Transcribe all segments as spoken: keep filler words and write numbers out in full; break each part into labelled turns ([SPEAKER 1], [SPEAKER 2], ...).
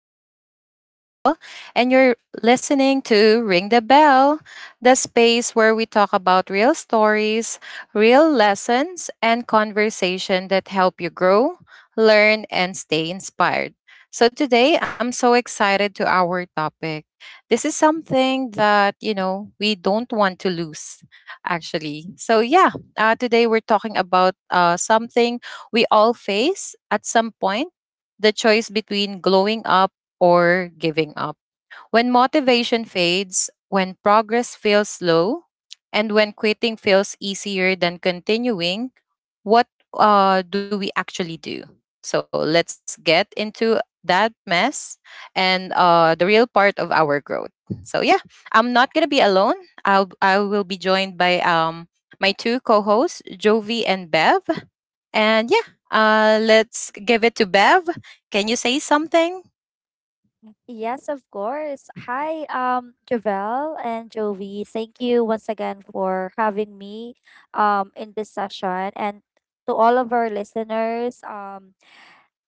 [SPEAKER 1] I'm your host, Javel, and you're listening to Ring the Bell, the space where we talk about real stories, real lessons, and conversation that help you grow, learn, and stay inspired. So today, I'm so excited to our topic. This is something that, you know, we don't want to lose, actually. So, yeah, uh, today we're talking about uh, something we all face at some point, the choice between glowing up or giving up. When motivation fades, when progress feels slow, and when quitting feels easier than continuing, what uh, do we actually do? So let's get into that mess and uh, the real part of our growth. So yeah, I'm not gonna be alone. I'll I will be joined by um my two co-hosts, Jovi and Bev. And yeah, uh, let's give it to Bev. Can you say something?
[SPEAKER 2] Yes, of course. Hi, um, Javel and Jovi. Thank you once again for having me um in this session. And to all of our listeners, um,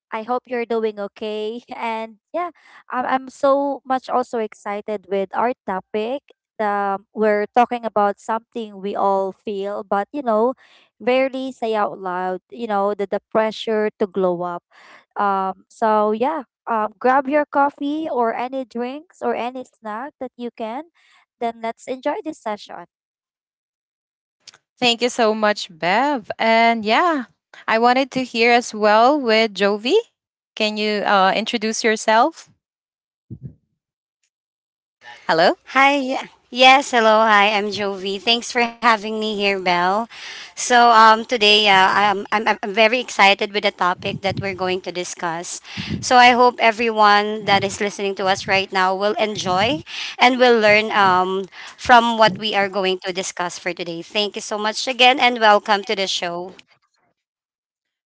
[SPEAKER 2] I hope you're doing okay. And yeah, I'm, I'm so much also excited with our topic. Um, we're talking about something we all feel, but you know, rarely say out loud, you know, the, the pressure to glow up. Um, so yeah, um, grab your coffee or any drinks or any snack that you can. Then let's enjoy this session.
[SPEAKER 1] Thank you so much, Bev. And yeah, I wanted to hear as well with Jovi. Can you uh, introduce yourself? Hello?
[SPEAKER 3] Hi. y- Yes, hello. Hi, I'm Jovi. Thanks for having me here, Belle. So, um, today, uh, I'm, I'm, I'm I'm very excited with the topic that we're going to discuss. So, I hope everyone that is listening to us right now will enjoy and will learn um, from what we are going to discuss for today. Thank you so much again and welcome to the show.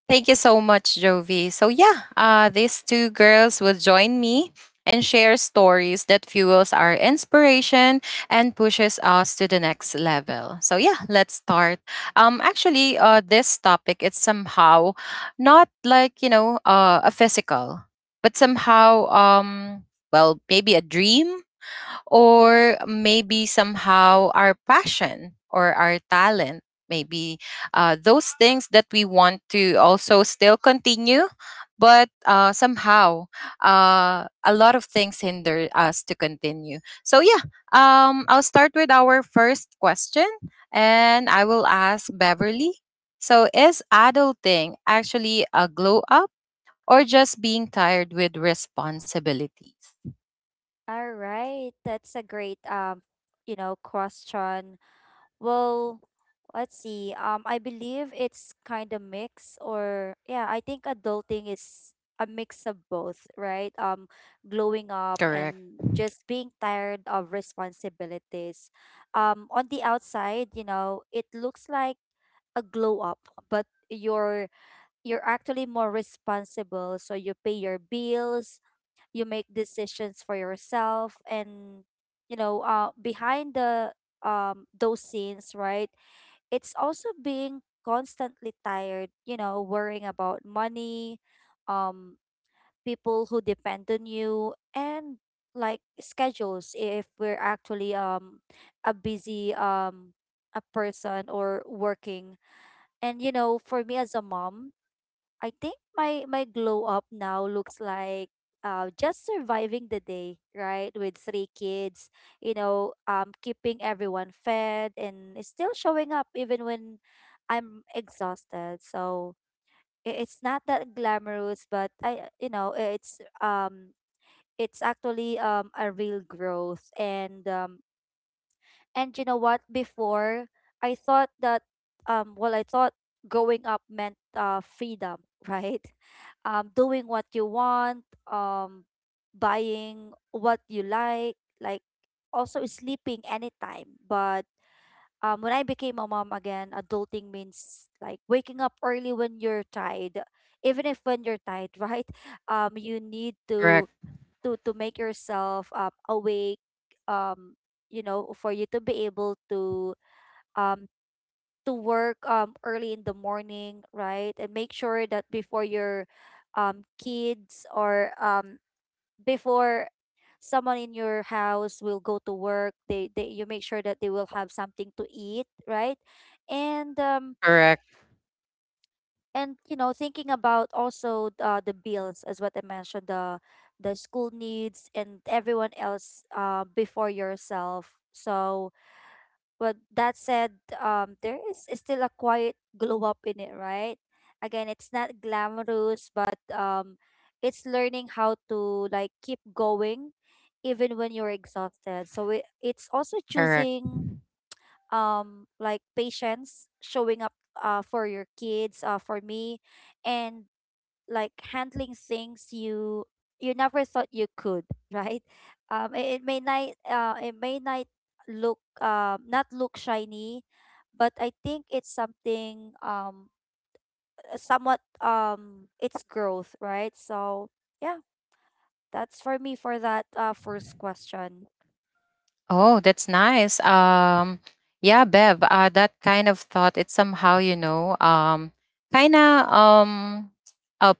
[SPEAKER 1] Thank you so much, Jovi. So yeah, uh, these two girls will join me and share stories that fuels our inspiration and pushes us to the next level. So yeah, let's start. Um, actually, uh, this topic, it's somehow not like, you know, uh, a physical, but somehow um, well, maybe a dream or maybe somehow our passion or our talent, maybe uh, those things that we want to also still continue, but uh, somehow uh, a lot of things hinder us to continue. So yeah, um, I'll start with our first question and I will ask Beverly. So is adulting actually a glow up or just being tired with responsibilities?
[SPEAKER 2] All right, that's a great um, you know, question. Well, let's see. Um, I believe it's kind of mix, or yeah, I think adulting is a mix of both, right? Um, glowing up
[SPEAKER 1] Correct.
[SPEAKER 2] and just being tired of responsibilities. Um, on the outside, you know, it looks like a glow up, but you're you're actually more responsible. So you pay your bills, you make decisions for yourself, and you know, uh, behind the um those scenes, right? It's also being constantly tired, you know, worrying about money, um, people who depend on you, and like schedules if we're actually um a busy um a person or working. And you know, for me as a mom, I think my my glow up now looks like uh, just surviving the day, right? With three kids, you know, um, keeping everyone fed and still showing up even when I'm exhausted. So i- it's not that glamorous, but I, you know, it's um, it's actually um a real growth. And um and you know what? Before I thought that um well I thought growing up meant uh freedom, right? Um doing what you want, um buying what you like, like also sleeping anytime. But um when I became a mom again, adulting means like waking up early when you're tired. Even if when you're tired, right? Um you need
[SPEAKER 1] Correct.
[SPEAKER 2] to to to make yourself um awake, um you know, for you to be able to um to work um early in the morning, right, and make sure that before your um kids or um before someone in your house will go to work, they, they you make sure that they will have something to eat, right. and um
[SPEAKER 1] Correct.
[SPEAKER 2] and you know, thinking about also uh, the bills as what I mentioned, the the school needs and everyone else, uh, before yourself. So but that said, um, there is still a quiet glow up in it, right? Again, it's not glamorous, but um, it's learning how to like keep going even when you're exhausted. So it, it's also
[SPEAKER 1] Correct.
[SPEAKER 2] choosing um like patience, showing up uh for your kids, uh for me, and like handling things you you never thought you could, right? um it, it may not uh it may not look um not look shiny, but I think it's something um somewhat um it's growth, right? So yeah, that's for me for that uh first question.
[SPEAKER 1] Oh, that's nice. Um, yeah, Bev, uh, that kind of thought, it's somehow, you know, um, kind of, um, uh,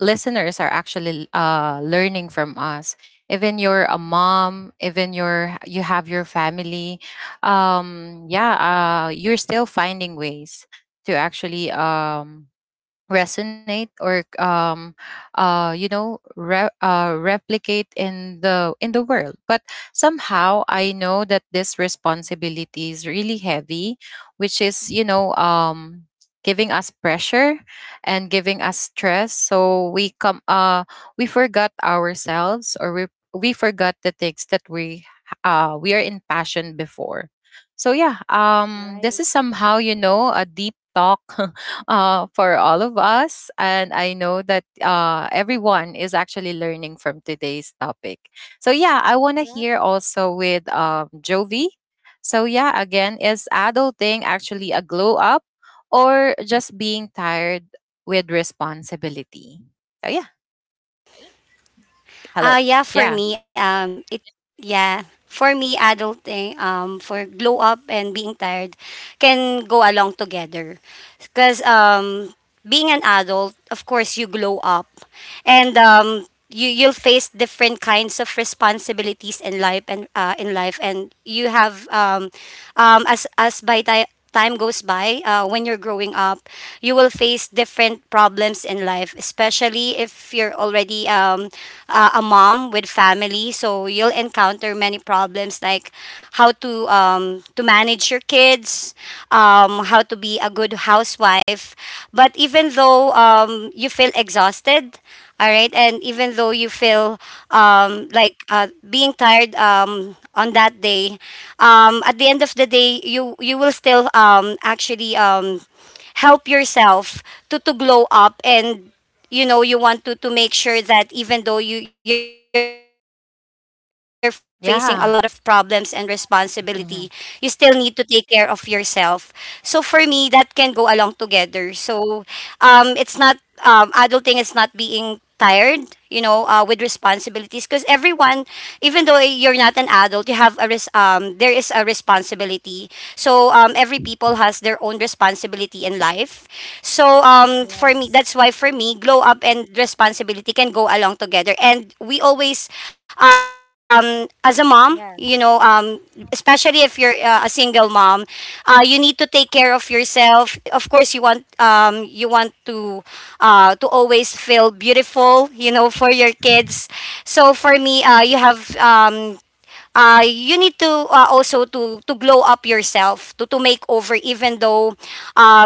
[SPEAKER 1] listeners are actually uh, learning from us. Even you're a mom, even you're, you have your family, um, yeah, uh, you're still finding ways to actually um, resonate or um uh you know, re- uh, replicate in the in the world, but somehow I know that this responsibility is really heavy, which is, you
[SPEAKER 2] Mhm.
[SPEAKER 1] know, um giving us pressure and giving us stress, so we come, uh we forgot ourselves, or we we forgot the things that we uh we are in passion before. So yeah, um this
[SPEAKER 2] Right.
[SPEAKER 1] is somehow, you know, a deep talk uh, for all of us. And I know that uh, everyone is actually learning from today's topic. So, yeah, I want to
[SPEAKER 2] Right.
[SPEAKER 1] hear also with um, Jovi. So, yeah, again, is adulting actually a glow up or just being tired with responsibility? So, yeah, hello.
[SPEAKER 3] Uh, yeah, for
[SPEAKER 1] Yeah,
[SPEAKER 3] me, um, it, yeah, for me, adulting, um, for glow up and being tired can go along together. Because, um, being an adult, of course, you glow up and, um, you, you'll face different kinds of responsibilities in life and uh, in life and you have um, um, as as by time time goes by, uh, when you're growing up, you will face different problems in life, especially if you're already um, uh, a mom with family. So you'll encounter many problems like how to um, to manage your kids, um, how to be a good housewife. But even though um, you feel exhausted, all right. And even though you feel um, like uh, being tired um, on that day, um, at the end of the day, you, you will still um, actually um, help yourself to, to glow up and you know you want to, to make sure that even though you, you're facing a lot of problems and responsibility, you
[SPEAKER 1] yeah.
[SPEAKER 3] still need to take care of yourself.
[SPEAKER 1] Mhm.
[SPEAKER 3] So for me, that can go along together. So um, it's not um, adulting is not being tired, you know, uh, with responsibilities, because everyone, even though you're not an adult, you have a res- um, there is a responsibility. So um, every people has their own responsibility in life. So um, for me, that's why for me,
[SPEAKER 2] Yes.
[SPEAKER 3] glow up and responsibility can go along together. And we always, um, as a mom, you know, um
[SPEAKER 2] Yes.
[SPEAKER 3] especially if you're uh, a single mom, uh, you need to take care of yourself. Of course, you want um you want to uh to always feel beautiful, you know, for your kids. So for me, uh you have um uh, you need to uh, also to to glow up yourself, to to make over, even though um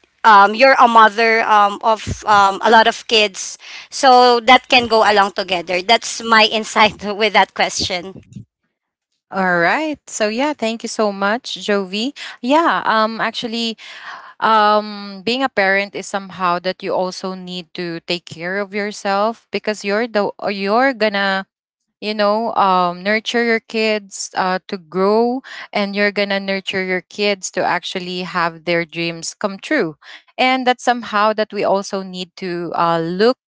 [SPEAKER 3] um, you're a mother um, of um, a lot of kids. So that can go along together. That's my insight with that question.
[SPEAKER 1] All right. So yeah, thank you so much, Jovi. Yeah, um actually um being a parent is somehow that you also need to take care of yourself because you're the, uh, you're gonna, you know, um, nurture your kids uh, to grow, and you're gonna nurture your kids to actually have their dreams come true. And that's somehow that we also need to uh, look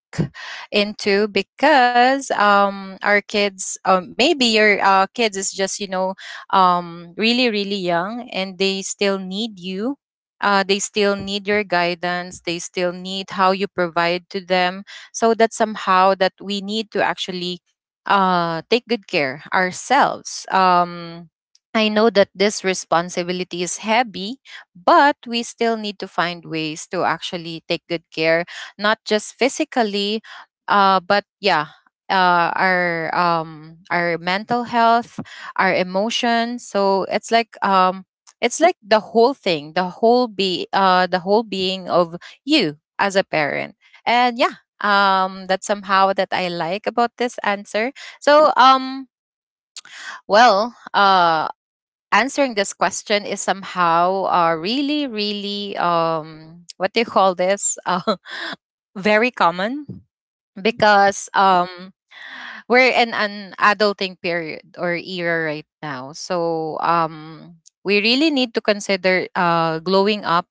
[SPEAKER 1] into, because um our kids, uh, maybe your uh, kids is just, you know, um really really young, and they still need you, uh, they still need your guidance, they still need how you provide to them. So that somehow that we need to actually uh, take good care ourselves. Um, I know that this responsibility is heavy, but we still need to find ways to actually take good care, not just physically, uh, but yeah, uh, our um, our mental health, our emotions. So it's like, um, it's like the whole thing, the whole be uh, the whole being of you as a parent. And yeah, um, that's somehow that I like about this answer. So, um, well, uh, answering this question is somehow uh, really, really, um, what do you call this? Uh, very common,
[SPEAKER 2] Mm-hmm.
[SPEAKER 1] because um, we're in an adulting period or era right now. So, um, we really need to consider uh, glowing up,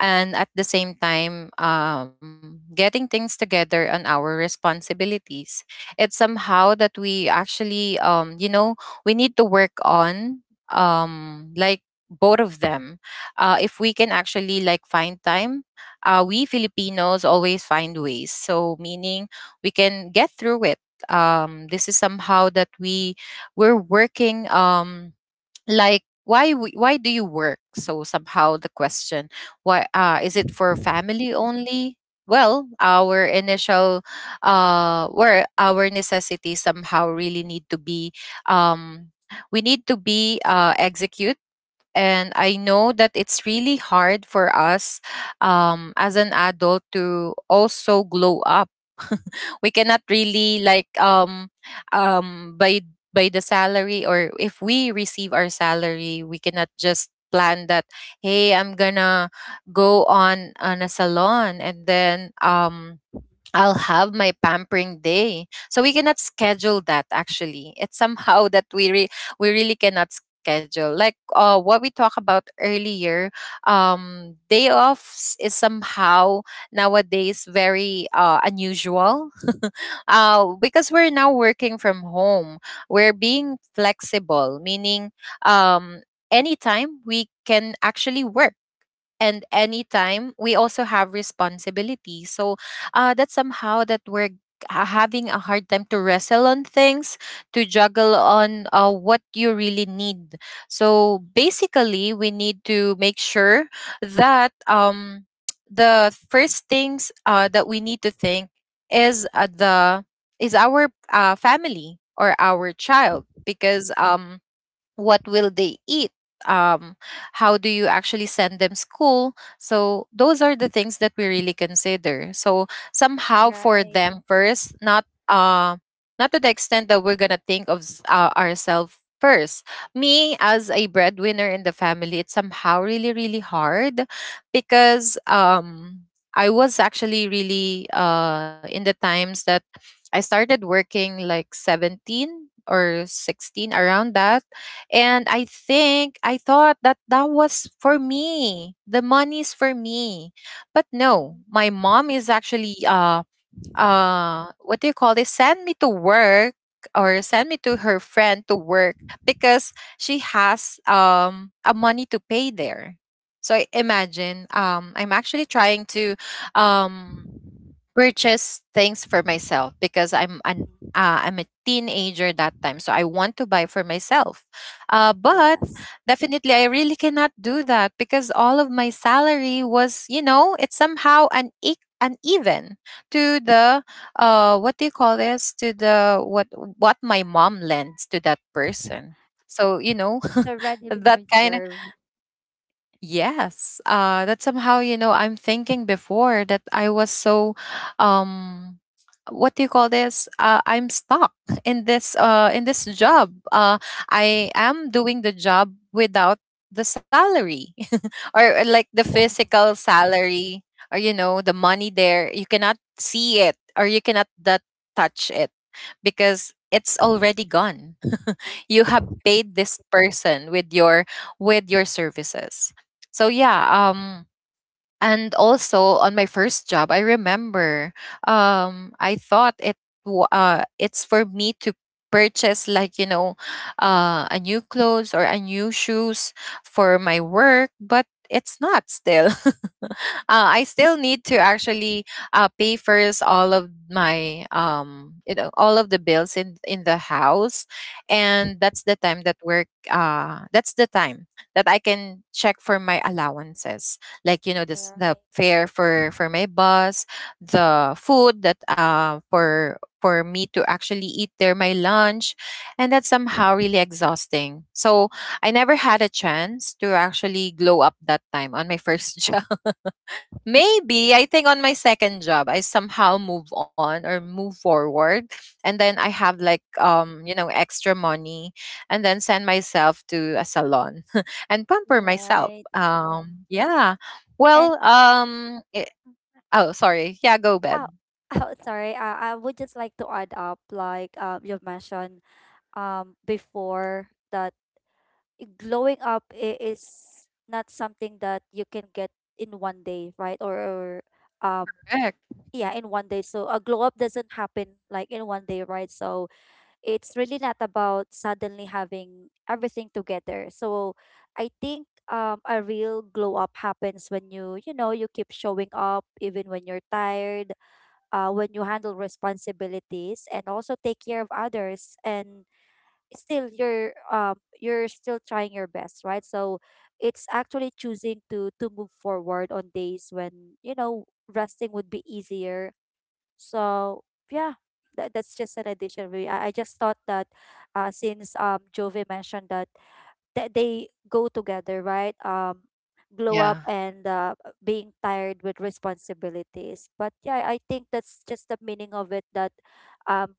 [SPEAKER 1] and at the same time um, getting things together on our responsibilities. It's somehow that we actually um, you know, we need to work on, um, like, both of them, uh, if we can actually like find time. uh, we Filipinos always find ways, so meaning we can get through it. um, this is somehow that we we're working, um, like, why w- why do you work? So somehow the question, why, uh is it for
[SPEAKER 2] Mhm.
[SPEAKER 1] family only? Well, our initial, uh where our necessities somehow really need to be, um we need to be uh executed. And I know that it's really hard for us, um, as an adult, to also glow up. We cannot really like, um um by, by the salary, or if we receive our salary, we cannot just plan that, hey, I'm gonna go on on a salon, and then um I'll have my pampering day. So we cannot schedule that actually. It's somehow that we re- we really cannot schedule. Like, uh, what we talked about earlier, um, day offs is somehow nowadays very uh, unusual, uh, because we're now working from home. We're being flexible, meaning um, anytime we can actually work, and anytime we also have responsibility. So uh, that's somehow that we're ha- having a hard time to wrestle on things, to juggle on uh, what you really need. So basically we need to make sure that, um, the first things uh, that we need to think is uh, the is our uh, family or our child, because um what will they eat, um how do you actually send them school? So those are the things that we really consider. So somehow for
[SPEAKER 2] Right.
[SPEAKER 1] them first, not uh not to the extent that we're gonna think of s- uh, ourselves first. Me as a breadwinner in the family, it's somehow really really hard, because um I was actually really uh in the times that I started working like seventeen or sixteen, around that. And I think I thought that that was for me. The money's for me. But no,
[SPEAKER 2] Mhm.
[SPEAKER 1] my mom is actually uh uh what do you call this? Send me to work, or send me to her friend to work, because she has um a money to pay there. So I imagine, um I'm actually trying to um purchase things for myself, because I'm an uh, I'm a teenager that time, so I want to buy for myself. Uh, but
[SPEAKER 2] Yes.
[SPEAKER 1] definitely, I really cannot do that, because all of my salary was, you know, it's somehow an e- uneven to the, uh, what do you call this? To the what what my mom lends to that person. So you know
[SPEAKER 2] It's already been
[SPEAKER 1] that kind.
[SPEAKER 2] reserved.
[SPEAKER 1] Yes, uh, that somehow, you know, I'm thinking before that I was so, um, what do you call this? Uh, I'm stuck in this, uh, in this job. Uh, I am doing the job without the salary, or, or like the physical salary, or you know, the money there. You cannot see it, or you cannot that touch it, because it's already gone. You have paid this person with your, with your services. So yeah, um and also on my first job, I remember, um, I thought it wa- uh, it's for me to purchase, like, you know, uh, a new clothes or a new shoes for my work, but it's not still. uh, I still need to actually uh, pay first all of my, um you know, all of the bills in in the house. And that's the time that work uh that's the time that I can check for my allowances, like, you know, this the
[SPEAKER 2] Right.
[SPEAKER 1] fare for for my bus, the food that uh for for me to actually eat there, my lunch. And that's somehow
[SPEAKER 2] Mm-hmm.
[SPEAKER 1] really exhausting. So I never had a chance to actually glow up that time on my first job. Maybe I think on my second job I somehow move on or move forward, and then I have like, um you know, extra money, and then send myself to a salon and pamper myself.
[SPEAKER 2] Right.
[SPEAKER 1] Um yeah.
[SPEAKER 2] And
[SPEAKER 1] Well, um it, oh sorry. Yeah, go babe.
[SPEAKER 2] oh, oh sorry. Uh, I would just like to add up, like um you've mentioned um before that glowing up i- is not something that you can get in one day, right? Or, or um
[SPEAKER 1] Correct.
[SPEAKER 2] yeah, in one day. So a glow up doesn't happen like in one day, right? So it's really not about suddenly having everything together. So I think um, a real glow up happens when you, you know, you keep showing up even when you're tired, uh, when you handle responsibilities and also take care of others and still you're um you're still trying your best, right? So it's actually choosing to to move forward on days when, you know, resting would be easier. So yeah, that, that's just an addition. Really, I, I just thought that uh, since um Jovi mentioned that that they go together, right? Um, glow up
[SPEAKER 1] Yeah.
[SPEAKER 2] and uh, being tired with responsibilities. But yeah, I think that's just the meaning of it. That um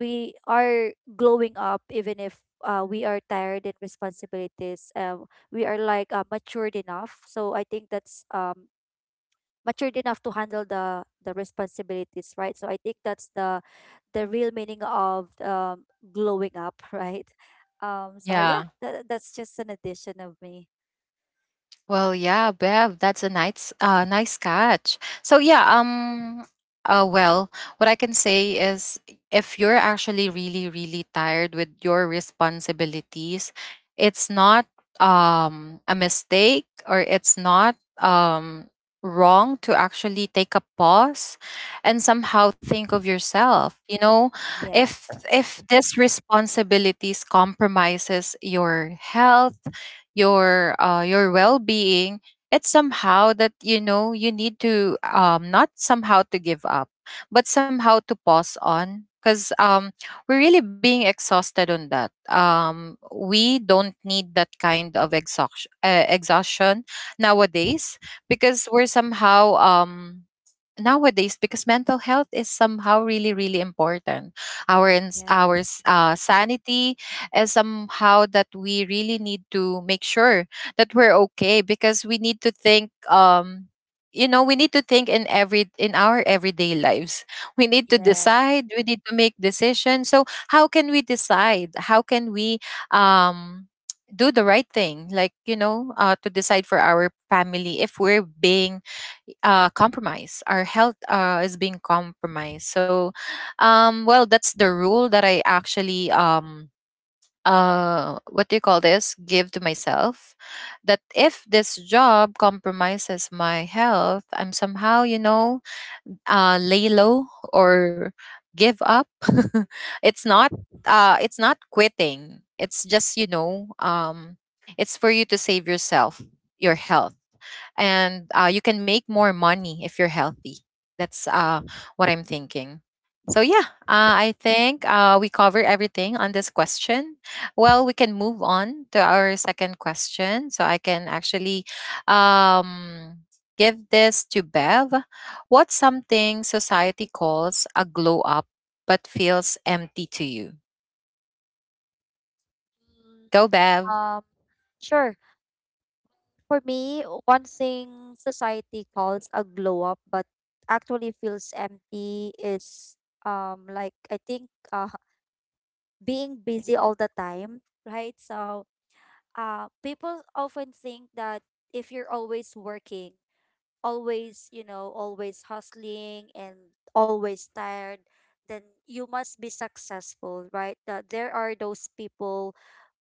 [SPEAKER 2] we are glowing up even if. Uh, we are tired in responsibilities. Um, we are like uh, matured enough. So I think that's um matured enough to handle the the responsibilities, right? So I think that's the the real meaning of um, glowing up, right? Um, so yeah,
[SPEAKER 1] Yeah.
[SPEAKER 2] tha- that's just an addition of me.
[SPEAKER 1] Well, yeah, Bev, that's a nice, uh, nice catch. So yeah, um, uh, well, what I can say is, if you're actually really, really tired with your responsibilities, it's not um a mistake, or it's not um wrong to actually take a pause and somehow think of
[SPEAKER 2] Mhm.
[SPEAKER 1] yourself. You know,
[SPEAKER 2] Yeah.
[SPEAKER 1] if if this responsibilities compromises your health, your uh, your well-being. It's somehow that you know you need to, um, not somehow to give up but somehow to pause on because um, we're really being exhausted on that. Um, we don't need that kind of exhaustion, uh, exhaustion nowadays because we're somehow um, nowadays because mental health is somehow really really important. Our ins- our
[SPEAKER 2] Yes.
[SPEAKER 1] s- uh, sanity is somehow that we really need to make sure that we're okay because we need to think. Um you know we need to think in every in our everyday lives. We need to
[SPEAKER 2] Yes.
[SPEAKER 1] decide, we need to make decisions. So how can we decide, how can we um do the right thing, like you know uh, to decide for our family if we're being uh, compromised. Our health uh, is being compromised. So, um, well, that's the rule that I actually um, uh, what do you call this? Give to myself that if this job compromises my health, I'm somehow, you know, uh, lay low or give up. It's not uh, it's not quitting. It's just, you know, um, it's for you to save yourself, your health, and uh, you can make more money if you're healthy. That's uh, what I'm thinking.
[SPEAKER 2] Yeah.
[SPEAKER 1] So yeah, uh, I think uh, we cover everything on this question. Well, we can move on to our second question. So I can actually um, give this to Bev. What's something society calls a glow up but feels empty to you?
[SPEAKER 2] Mm.
[SPEAKER 1] Go, Bev.
[SPEAKER 2] Um, sure. For me, one thing society calls a glow up but actually feels empty is um like I think uh being busy all the time, right? So uh people often think that if you're always working, always, you know, always hustling and always tired, then you must be successful, right? That there are those people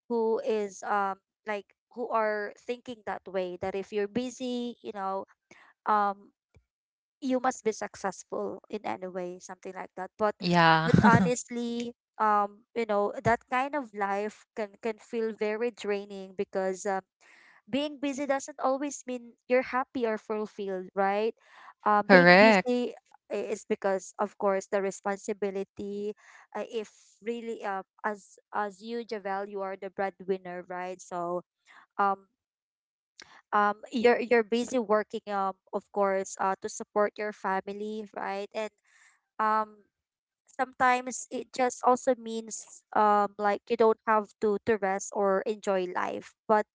[SPEAKER 2] who is um like who are thinking that way, that if you're busy, you know, um you must be successful in any way, something like that. But
[SPEAKER 1] Yeah.
[SPEAKER 2] but honestly, um you know, that kind of life can can feel very draining because um being busy doesn't always mean you're happy or fulfilled, right? Uh, being
[SPEAKER 1] Correct.
[SPEAKER 2] busy i- is because, of course, the responsibility. Uh, if really, uh, as as you, Javel, you are the breadwinner, right? So, um, um, you're you're busy working, um, of course, uh, to support your family, right? And um, sometimes it just also means um, like you don't have to to rest or enjoy life, but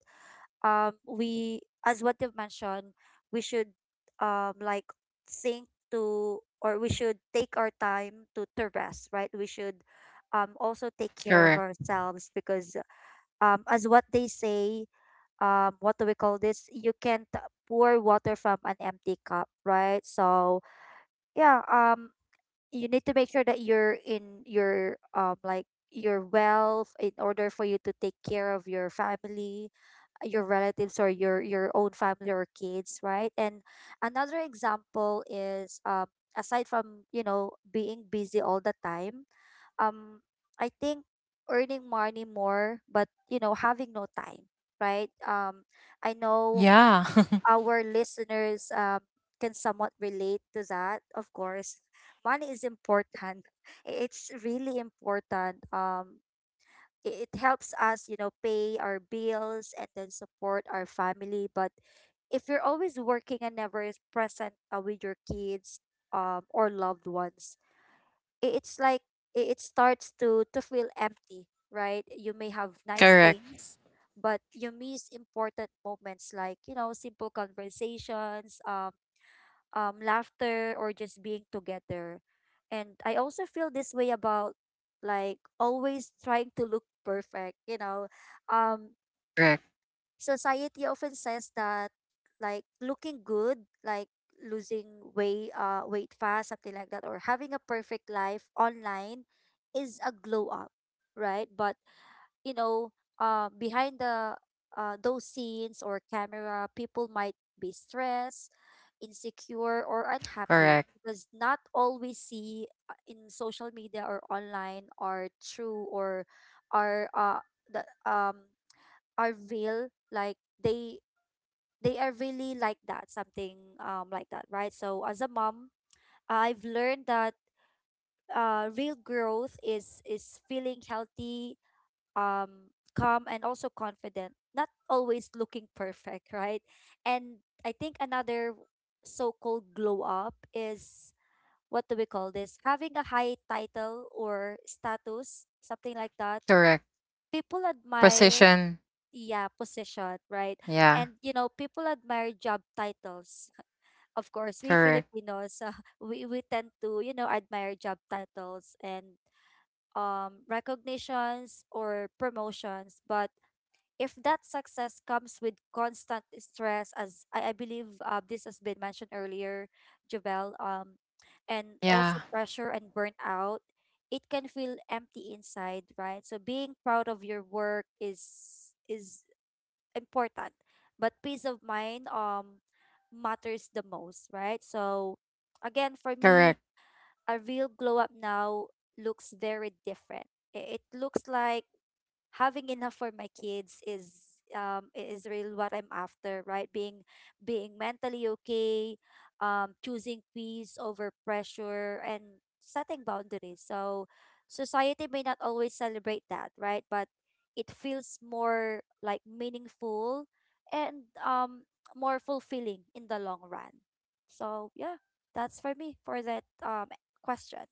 [SPEAKER 2] um we, as what you've mentioned, we should um like think to, or we should take our time to to rest, right? We should um also take care of
[SPEAKER 1] Correct.
[SPEAKER 2] ourselves because um as what they say, um what do we call this, you can't pour water from an empty cup, right? So yeah, um you need to make sure that you're in your um like your wealth in order for you to take care of your family, uh, your relatives or your your own family or kids, right? And another example is um aside from you know being busy all the time, um I think earning money more but you know having no time, right? um I
[SPEAKER 1] Yeah.
[SPEAKER 2] know our listeners, um, can somewhat relate to that. Of course, money is important. I- It's really important. Um, i- it helps us, you know, pay our bills and then support our family. But if you're always working and never is present uh, with your kids um, or loved ones, i- it's like i- it starts to to feel empty, right? You may have nice
[SPEAKER 1] Correct.
[SPEAKER 2] things but you miss important moments, like you know, simple conversations, um um laughter, or just being together. And I also feel this way about like always trying to look perfect, you know. um
[SPEAKER 1] Correct.
[SPEAKER 2] Society often says that like looking good, like losing weight, uh, weight fast, something like that, or having a perfect life online is a glow up, right? But you know, uh, behind the uh, those scenes or camera, people might be stressed, insecure, or unhappy
[SPEAKER 1] Correct.
[SPEAKER 2] because not all we see uh, in social media or online are true or are uh, the um are real, like they they are really like that, something um like that, right? So as a mom, I've learned that uh real growth is is feeling healthy, um calm, and also confident, not always looking perfect, right? And I think another so-called glow up is what do we call this, having a high title or status, something like that,
[SPEAKER 1] Correct.
[SPEAKER 2] people admire.
[SPEAKER 1] Precision.
[SPEAKER 2] Yeah, position, right?
[SPEAKER 1] Yeah.
[SPEAKER 2] And you know, people admire job titles of course. We
[SPEAKER 1] Correct.
[SPEAKER 2] filipinos, uh, we, we tend to you know admire job titles and um recognitions or promotions. But if that success comes with constant stress, as i, I believe uh, this has been mentioned earlier, Jovel, um and also
[SPEAKER 1] Yeah.
[SPEAKER 2] pressure and burnout, it can feel empty inside, right? So being proud of your work is is important, but peace of mind um matters the most, right? So again, for
[SPEAKER 1] Correct.
[SPEAKER 2] me, a real glow up now looks very different. I- It looks like having enough for my kids is um i- is really what I'm after, right? Being being mentally okay, um, choosing peace over pressure and setting boundaries. So society may not always celebrate that, right? But it feels more like meaningful and um more fulfilling in the long run. So yeah, that's for me for that um question.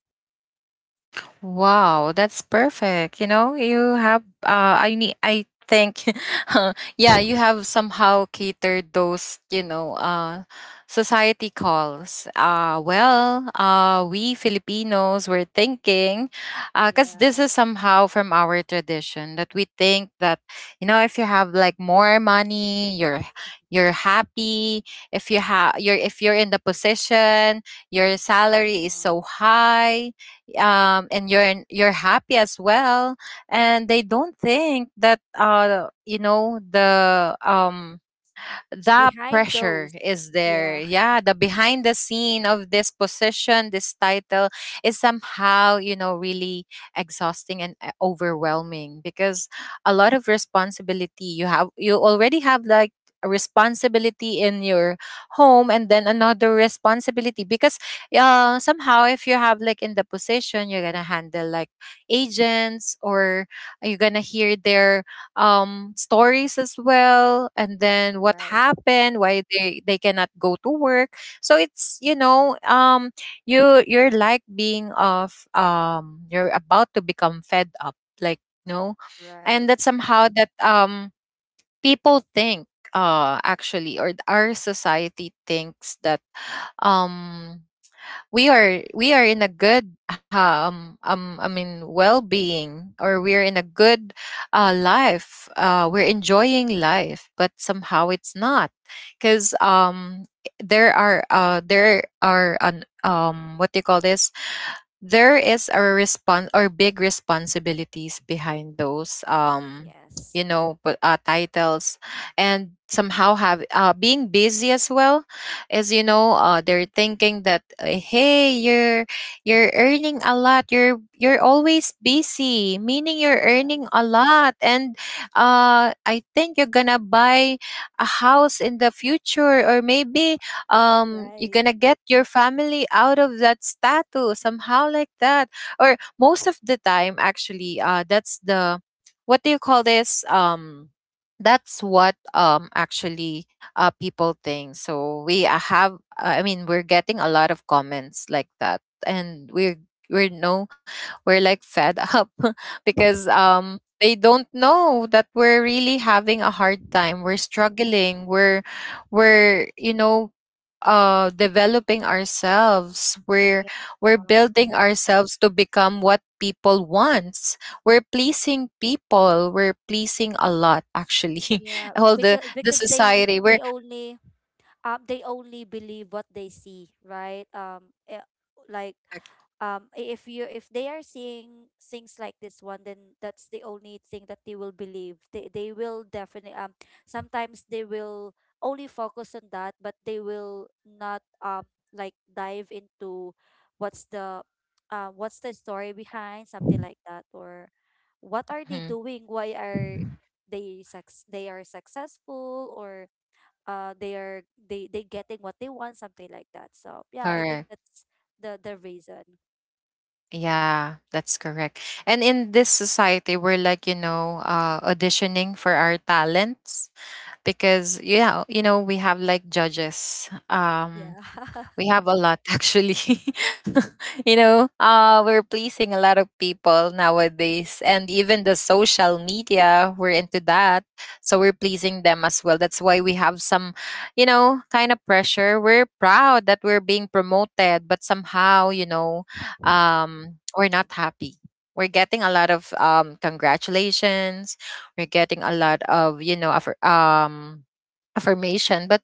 [SPEAKER 1] Wow, that's perfect. You know, you have uh I need I think uh, yeah, you have somehow catered those, you know, uh society calls. Uh well, uh, we Filipinos were thinking uh cuz this is
[SPEAKER 2] Yes.
[SPEAKER 1] somehow from our tradition that we think that you know, if you have like more money, you're you're happy. If you have You're, if you're in the position, your
[SPEAKER 2] Yeah.
[SPEAKER 1] salary is so high, um, and you're you're happy as well, and they don't think that uh you know the um the
[SPEAKER 2] Behind those,
[SPEAKER 1] pressure is
[SPEAKER 2] yeah.
[SPEAKER 1] there. Yeah, the behind the scene of this position, this title is somehow, you know, really exhausting and uh, overwhelming because a lot of responsibility you have, you already have like a responsibility in your home, and then another responsibility because uh, somehow if you have like in the position, you're gonna handle like agents, or you're gonna
[SPEAKER 2] Mhm.
[SPEAKER 1] hear their um stories as well, and then what
[SPEAKER 2] Right,
[SPEAKER 1] happened, why they they cannot go to work. So it's you know um you you're like being of um you're about to become fed up, like, no.
[SPEAKER 2] right.
[SPEAKER 1] And that somehow that um people think, uh actually, or th- our society thinks that um we are, we are in a good um um I mean well-being, or we're in a good uh life. Uh we're enjoying life, but somehow it's not because um there are uh there are an um what do you call this, there is a response or big responsibilities behind those um
[SPEAKER 2] Yes.
[SPEAKER 1] you know, but uh, titles. And somehow have uh, being busy as well, as you know uh, they're thinking that uh, hey, you're you're earning a lot, you're you're always busy, meaning you're
[SPEAKER 2] Yes,
[SPEAKER 1] earning a lot, and uh I think you're gonna buy a house in the future, or maybe um you're
[SPEAKER 2] right.
[SPEAKER 1] gonna get your family out of that status, somehow like that. Or most of the time actually uh that's the what do you call this um that's what um actually uh people think. So we uh, have uh, I mean we're getting a lot of comments like that, and we're we're no, we're like fed up because um they don't know that we're really having a hard time, we're struggling, we're we're you know uh developing ourselves,
[SPEAKER 2] Yeah.
[SPEAKER 1] we're we're building ourselves to become what people wants. We're pleasing people, we're pleasing a lot actually,
[SPEAKER 2] Yeah,
[SPEAKER 1] all the
[SPEAKER 2] because
[SPEAKER 1] the
[SPEAKER 2] because they
[SPEAKER 1] society
[SPEAKER 2] they
[SPEAKER 1] we're.
[SPEAKER 2] only um they only believe what they see, right? Um eh, like um i- if you if they are seeing things like this one, then that's the only thing that they will believe. They they will definitely, um sometimes they will only focus on that, but they will not, um like, dive into what's the uh what's the story behind something like that, or what are they
[SPEAKER 1] Mhm.
[SPEAKER 2] doing, why are they suc- they are successful, or uh they are they they getting what they want, something like that. So yeah, I think
[SPEAKER 1] Correct,
[SPEAKER 2] that's the the reason.
[SPEAKER 1] yeah, that's correct. And in this society we're like, you know, uh auditioning for our talents because yeah, you know, we have like judges.
[SPEAKER 2] Yeah.
[SPEAKER 1] um We have a lot actually. You know, uh, we're pleasing a lot of people nowadays, and even the social media, we're into that. So we're pleasing them as well. That's why we have some, you know, kind of pressure. We're proud that we're being promoted, but somehow, you know, um, we're not happy. We're getting a lot of um, congratulations. We're getting a lot of, you know, affir- um, affirmation, but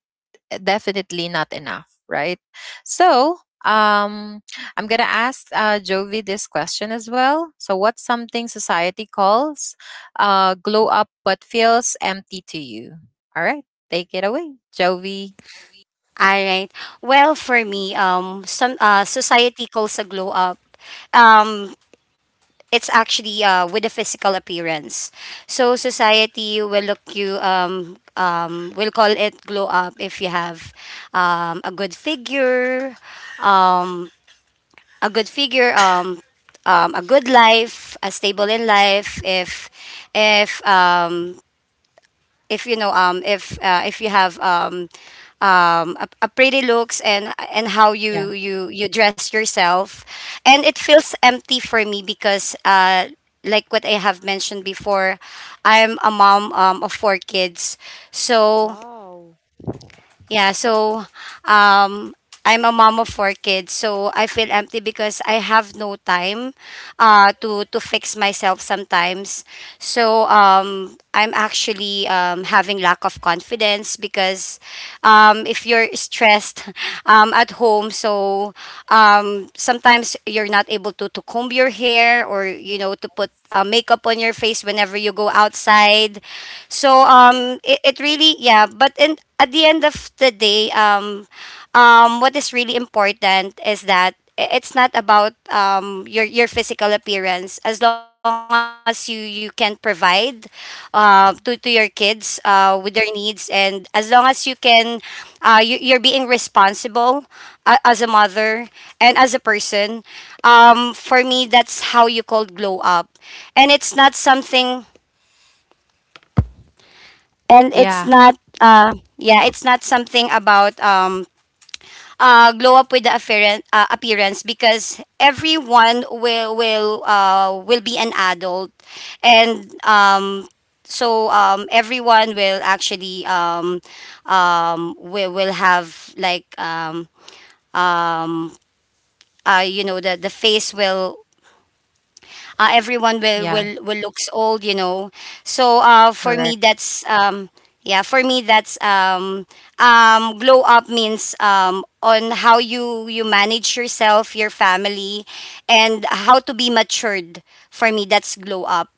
[SPEAKER 1] definitely not enough, right? So, um, I'm gonna ask uh, Jovi this question as well. So, what's something society calls uh, glow up but feels empty to you? All right, take it away, Jovi.
[SPEAKER 3] All right. Well, for me, um, some uh, society calls a glow up. Um, it's actually uh, with a physical appearance. So society will look you um um will call it glow up if you have um a good figure, um a good figure um um a good life, a stable in life. If if
[SPEAKER 2] Mhm.
[SPEAKER 3] um if you know um if uh, if you have um um a, a pretty looks and and how
[SPEAKER 1] Yeah,
[SPEAKER 3] you you you dress yourself, and it feels empty for me because uh like what I have mentioned before, I'm a mom um of four kids. so
[SPEAKER 2] Wow.
[SPEAKER 3] yeah so um I'm a mom of four kids, so I feel empty because I have no time uh, to to fix myself sometimes. So um, I'm actually um, having lack of confidence because um, if you're stressed um, at home, so um, sometimes you're not able to to comb your hair or
[SPEAKER 2] Yes.
[SPEAKER 3] you know to put uh, makeup on your face whenever you go outside. So
[SPEAKER 2] Right.
[SPEAKER 3] um, it, it really yeah. But in at the end of the day, um, um, what is really important is that i- it's not about um, your your physical appearance. As long as you you can provide uh, to
[SPEAKER 2] Mhm.
[SPEAKER 3] to your kids uh, with their needs, and as long as you can, uh, you, you're being responsible uh, as a mother and as a person. Um, for me, that's how you call glow up, and it's not something, and it's
[SPEAKER 1] yeah,
[SPEAKER 3] not. Uh, yeah, it's not
[SPEAKER 2] Mhm.
[SPEAKER 3] something about um, uh, glow up with the appearance, uh, appearance, because everyone will will uh, will be an adult, and um, so um, everyone will actually um, um, will will have like um, um, uh, you know the the face will uh, everyone
[SPEAKER 1] yeah,
[SPEAKER 3] will, will will looks old you know. So uh, for
[SPEAKER 1] correct.
[SPEAKER 3] me that's um, yeah for me that's um, um, glow up means um, on how you you manage yourself, your family, and how to be matured. For me, that's glow up.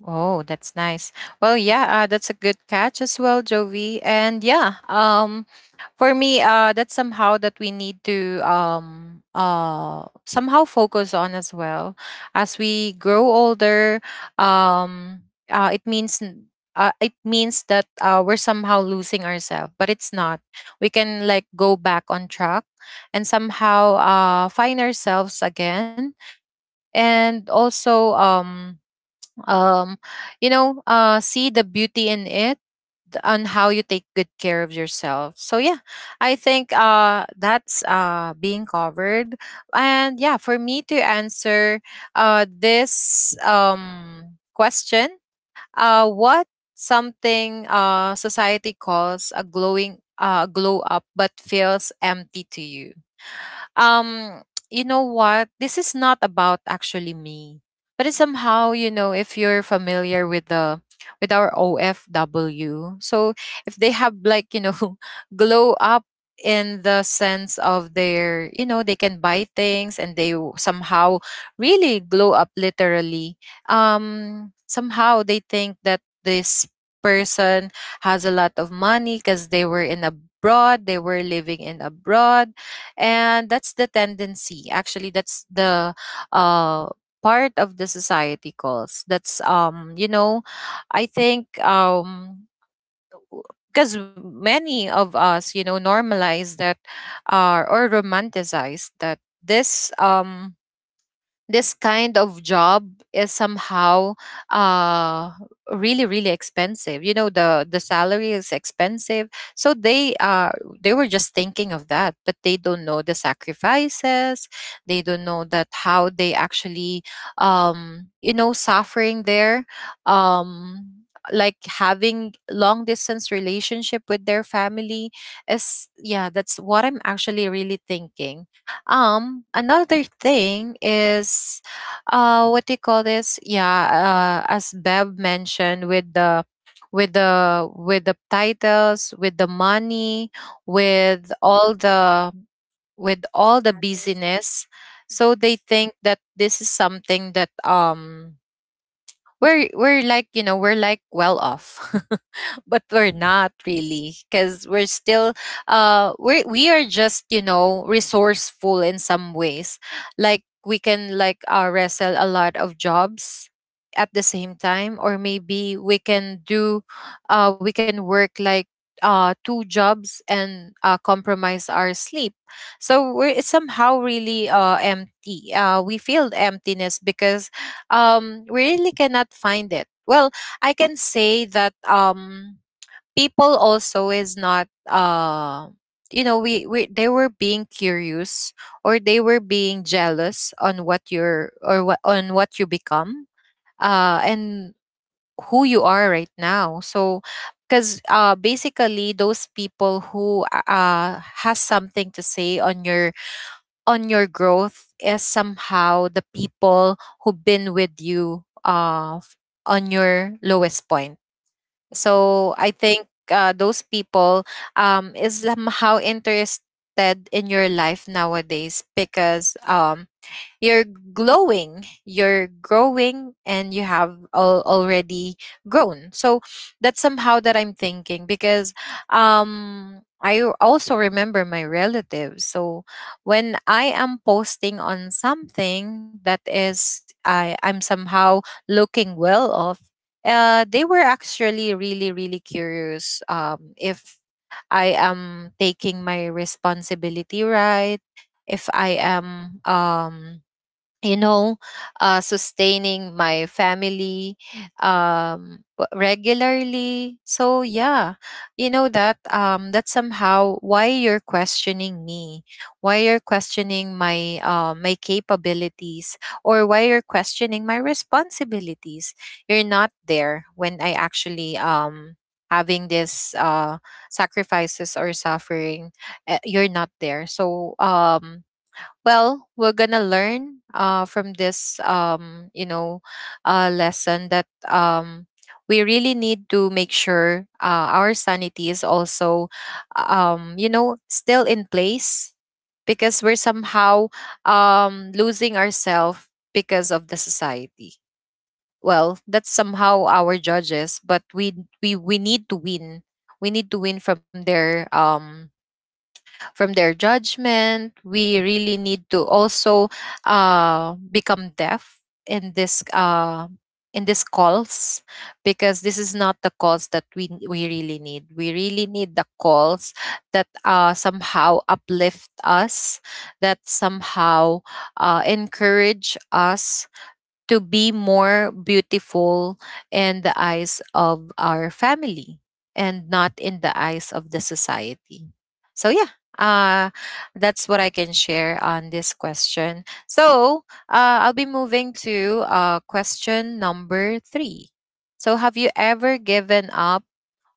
[SPEAKER 1] Oh, that's nice. Well, yeah, uh, that's a good catch as well, Jovi. And yeah, um, for me, uh, that's somehow that we need to um, uh, somehow focus on as well. As we grow older, um, uh, it means n- uh, it means that uh, we're somehow losing ourselves, but it's not. We can like go back on track and somehow uh, find ourselves again, and also um um you know uh see the beauty in it, th- on how you take good care of yourself. So yeah, I think uh that's uh being covered. And yeah, for me to answer uh this um question, uh what something uh society calls a glowing uh glow up but feels empty to you. um you know what, this is not about actually me, but it's somehow you know if you're familiar with the, with our O F W. So if they have like you know glow up in the sense of their, you know, they can buy things, and they w- somehow really glow up literally. Um somehow they think that this person has a lot of money because they were in abroad, they were living in abroad. And that's the tendency actually, that's the uh part of the society calls. That's um you
[SPEAKER 2] Mhm.
[SPEAKER 1] know, I think um because many of us you know normalize that, uh, or romanticize that, this um this kind of job is somehow uh really really expensive. You know the the salary is expensive. So they uh they were just thinking of that, but they don't know the sacrifices. They don't know that how they actually um you know suffering there, um like having long distance relationship with their family is, yeah, that's what I'm actually really thinking. Um, another thing is, uh, what do you call this? Yeah, uh, as Bev mentioned, with the with the with the titles, with the money,
[SPEAKER 2] Mhm.
[SPEAKER 1] with all the with
[SPEAKER 2] The
[SPEAKER 1] all the
[SPEAKER 2] status.
[SPEAKER 1] busyness.
[SPEAKER 2] Mhm.
[SPEAKER 1] So they think that this is something that um we're we're like you know we're like well off but we're
[SPEAKER 2] Mhm.
[SPEAKER 1] not really, because we're still uh we we are just you know resourceful in some ways. Like we can like uh, wrestle a lot of jobs at the same time, or maybe we can do uh we can work like uh two jobs and uh compromise our sleep. So we're it's somehow really uh empty, uh we feel emptiness because um we really cannot find it. Well, I can say that um people also is not uh you know, we, we they were being curious, or they were being jealous on what you're, or what on what you become, uh and who you are right now. So because uh basically those people who uh has something to say on your on your growth is somehow the people who've been with you uh, f- on your lowest point.
[SPEAKER 2] Mhm.
[SPEAKER 1] So I think uh, those people um, is somehow interested in your life nowadays because um, you're glowing, you're growing, and you have al- already grown. So that's somehow that I'm thinking, because um I also remember my relatives. So when I am posting on something that is, i I'm somehow looking well off, uh they were actually really really curious um if I am taking my responsibility, right, if I am um you know, uh, sustaining my family um, w- regularly. So yeah, you know that um, that's somehow why you're questioning me, why you're questioning my uh, my capabilities, or why you're questioning my responsibilities. You're not there when I actually um having this uh sacrifices or suffering. Eh, you're not there. So um well, we're gonna learn uh, from this um, you know uh, lesson that um, we really need to make sure uh, our sanity is also um, you know, still in place, because we're somehow um, losing ourselves because of the society. Well, that's somehow our judges, but we we, we need to win. We need to win from their um, from their judgment. We really need to also uh, become deaf in this uh, in these calls, because this is not the calls that we we really need. We really need the calls that uh, somehow uplift us, that
[SPEAKER 2] Mhm.
[SPEAKER 1] somehow uh, encourage us to be more beautiful in the eyes of our family, and not in the eyes of the society. So yeah, uh, that's what I can share on this question. So uh, I'll be moving to uh, question number three. So have you ever given up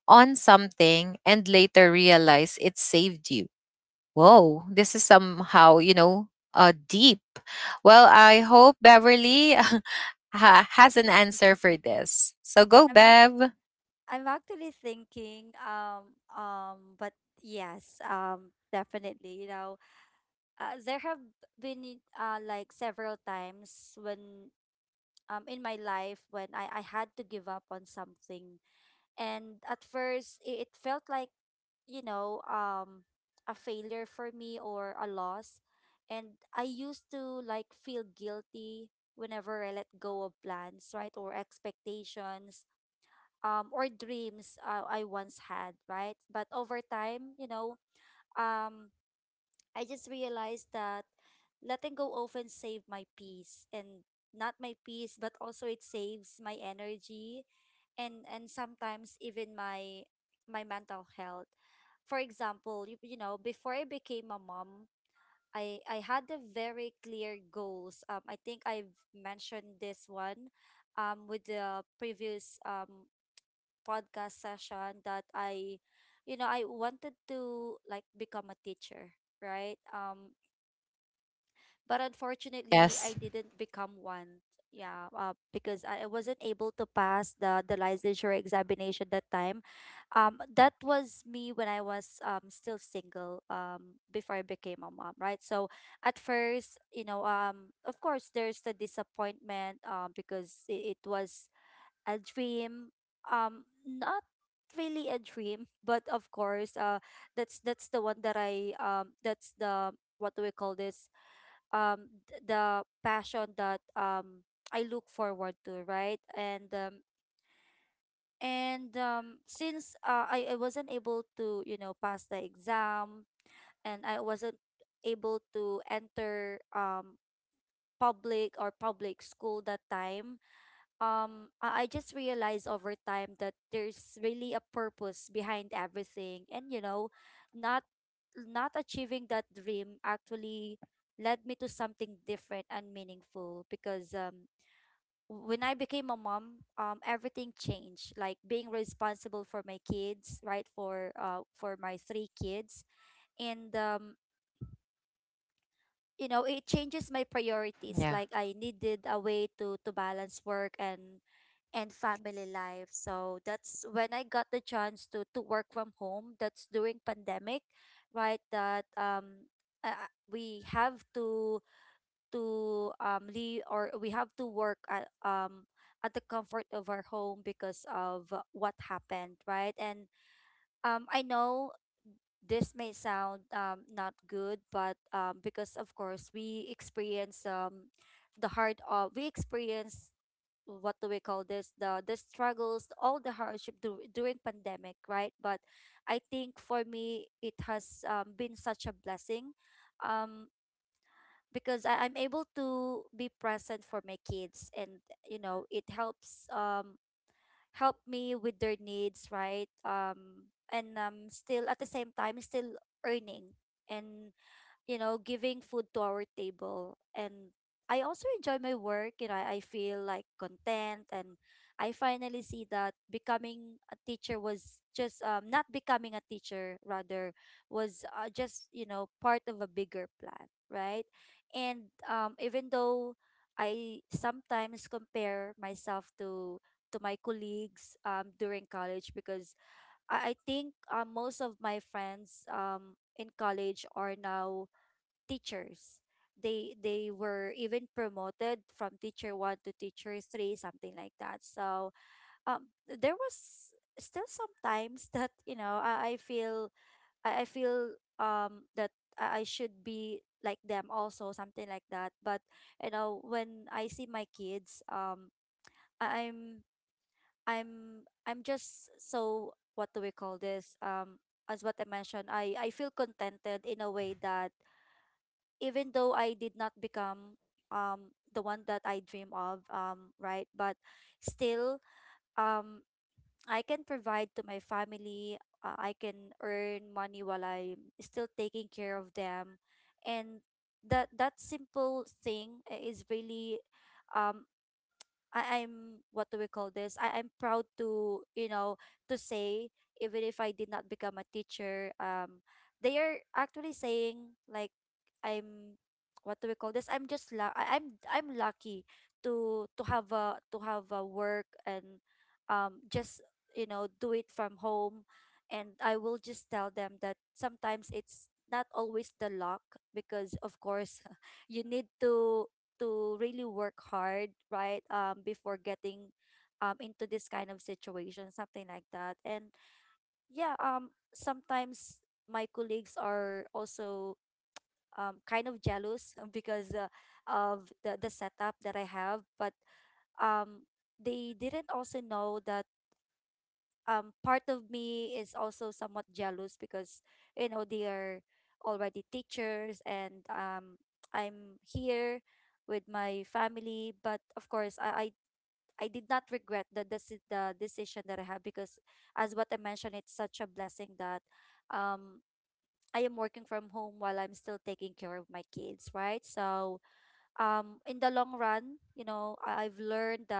[SPEAKER 1] on something and later realized it saved you? Whoa, this is somehow, you know, uh, deep. Well, I hope Beverly ha- has an
[SPEAKER 2] Mhm.
[SPEAKER 1] answer for this. So
[SPEAKER 2] I'm
[SPEAKER 1] go,
[SPEAKER 2] ac-
[SPEAKER 1] Bev.
[SPEAKER 2] I'm actually thinking um um but yes, um definitely, you know uh, there have been, uh like, several times when um in my life when I I had to give up on something, and at first i- it felt like, you know um a failure for me, or a loss. And I used to like feel guilty whenever I let go of plans, right, or expectations, um or dreams, uh, I once had, right. But over time, you know um I just realized that letting go often save my peace, and not my peace, but also it saves my energy, and and sometimes even my my mental health. For example, you, you know, before I became a mom, I I had the very clear goals. Um, I think I've mentioned this one, um, with the previous um podcast session that I, you know, I wanted to like become a teacher, right? Um, but unfortunately I
[SPEAKER 1] Yes.
[SPEAKER 2] didn't become one. Yeah, uh, because I I wasn't able to pass the the licensure examination that time. Um, that was me when I was um still single um before I became a mom, right? So at first, you know, um of course there's the disappointment, um because it, it was a dream, um not really a dream, but of course, uh that's that's the one that I um that's the, what do we call this, um th- the passion that um I look forward to, right? And um and um since, uh, I, I wasn't able to, you know, pass the exam, and I wasn't able to enter um public, or public school that time. um I I just realized over time that there's really a purpose behind everything, and you know not not achieving that dream actually led me to something different and meaningful, because um w- when I became a mom, um everything changed, like being responsible for my kids, right, for uh for my three kids. And um you know it changes my priorities, like
[SPEAKER 1] Yeah.
[SPEAKER 2] I needed a way to to balance work and and family life. So that's when I got the chance to to work from home. That's during pandemic, right? That um uh, We have to to um leave, or we have to work at um at the comfort of our home because of, uh, what happened, right? And um I know this may sound um not good, but um because of course we experience, um the hard of we experience, what do we call this, the the struggles, all the hardship, dur during pandemic, right. But I think for me it has, um, been such a blessing, um because I, i'm able to be present for my kids, and you know it helps um help me with their needs, right. Um and um still at the same time still earning, and you know, giving food to our table. And I also enjoy my work. You know, I I feel like content, and I finally see that becoming a teacher was just, um not becoming a teacher, rather, was, uh, just, you know, part of a bigger plan, right? And um even though I sometimes compare myself to to my colleagues um during college, because I, I think, uh, most of my friends um in college are now teachers. They they were even promoted from teacher one to teacher three, something like that. So, um, there was still sometimes that you know I, I feel I, I feel um that I, I should be like them also, something like that. But you know, when I see my kids, um, I- I'm I'm I'm just so, what do we call this? Um, as what I mentioned, I I feel contented in a way that even though I did not become um the one that I dream of, um right. But still, um I can provide to my family, uh, I can earn money while I'm still taking care of them, and that that simple thing i- is really, um I I'm what do we call this? I I'm proud to, you know, to say, even if I did not become a teacher, um, they are actually saying like, I'm, what do we call this? I'm just, la- I, I'm I'm lucky to to have a to have a work, and um just, you know, do it from home, and I will just tell them that sometimes it's not always the luck, because of course, you need to to really work hard, right? Um, before getting um into this kind of situation, something like that. And yeah, um, sometimes my colleagues are also um kind of jealous because, uh, of the the setup that I have, but um they didn't also know that um part of me is also somewhat jealous because you know they are already teachers, and um I'm here with my family, but of course, I I, I did not regret the, deci- the decision that I have, because as what I mentioned, it's such a blessing that um I am working from home while I'm still taking care of my kids, right. So, um in the long run, you know, I, I've learned that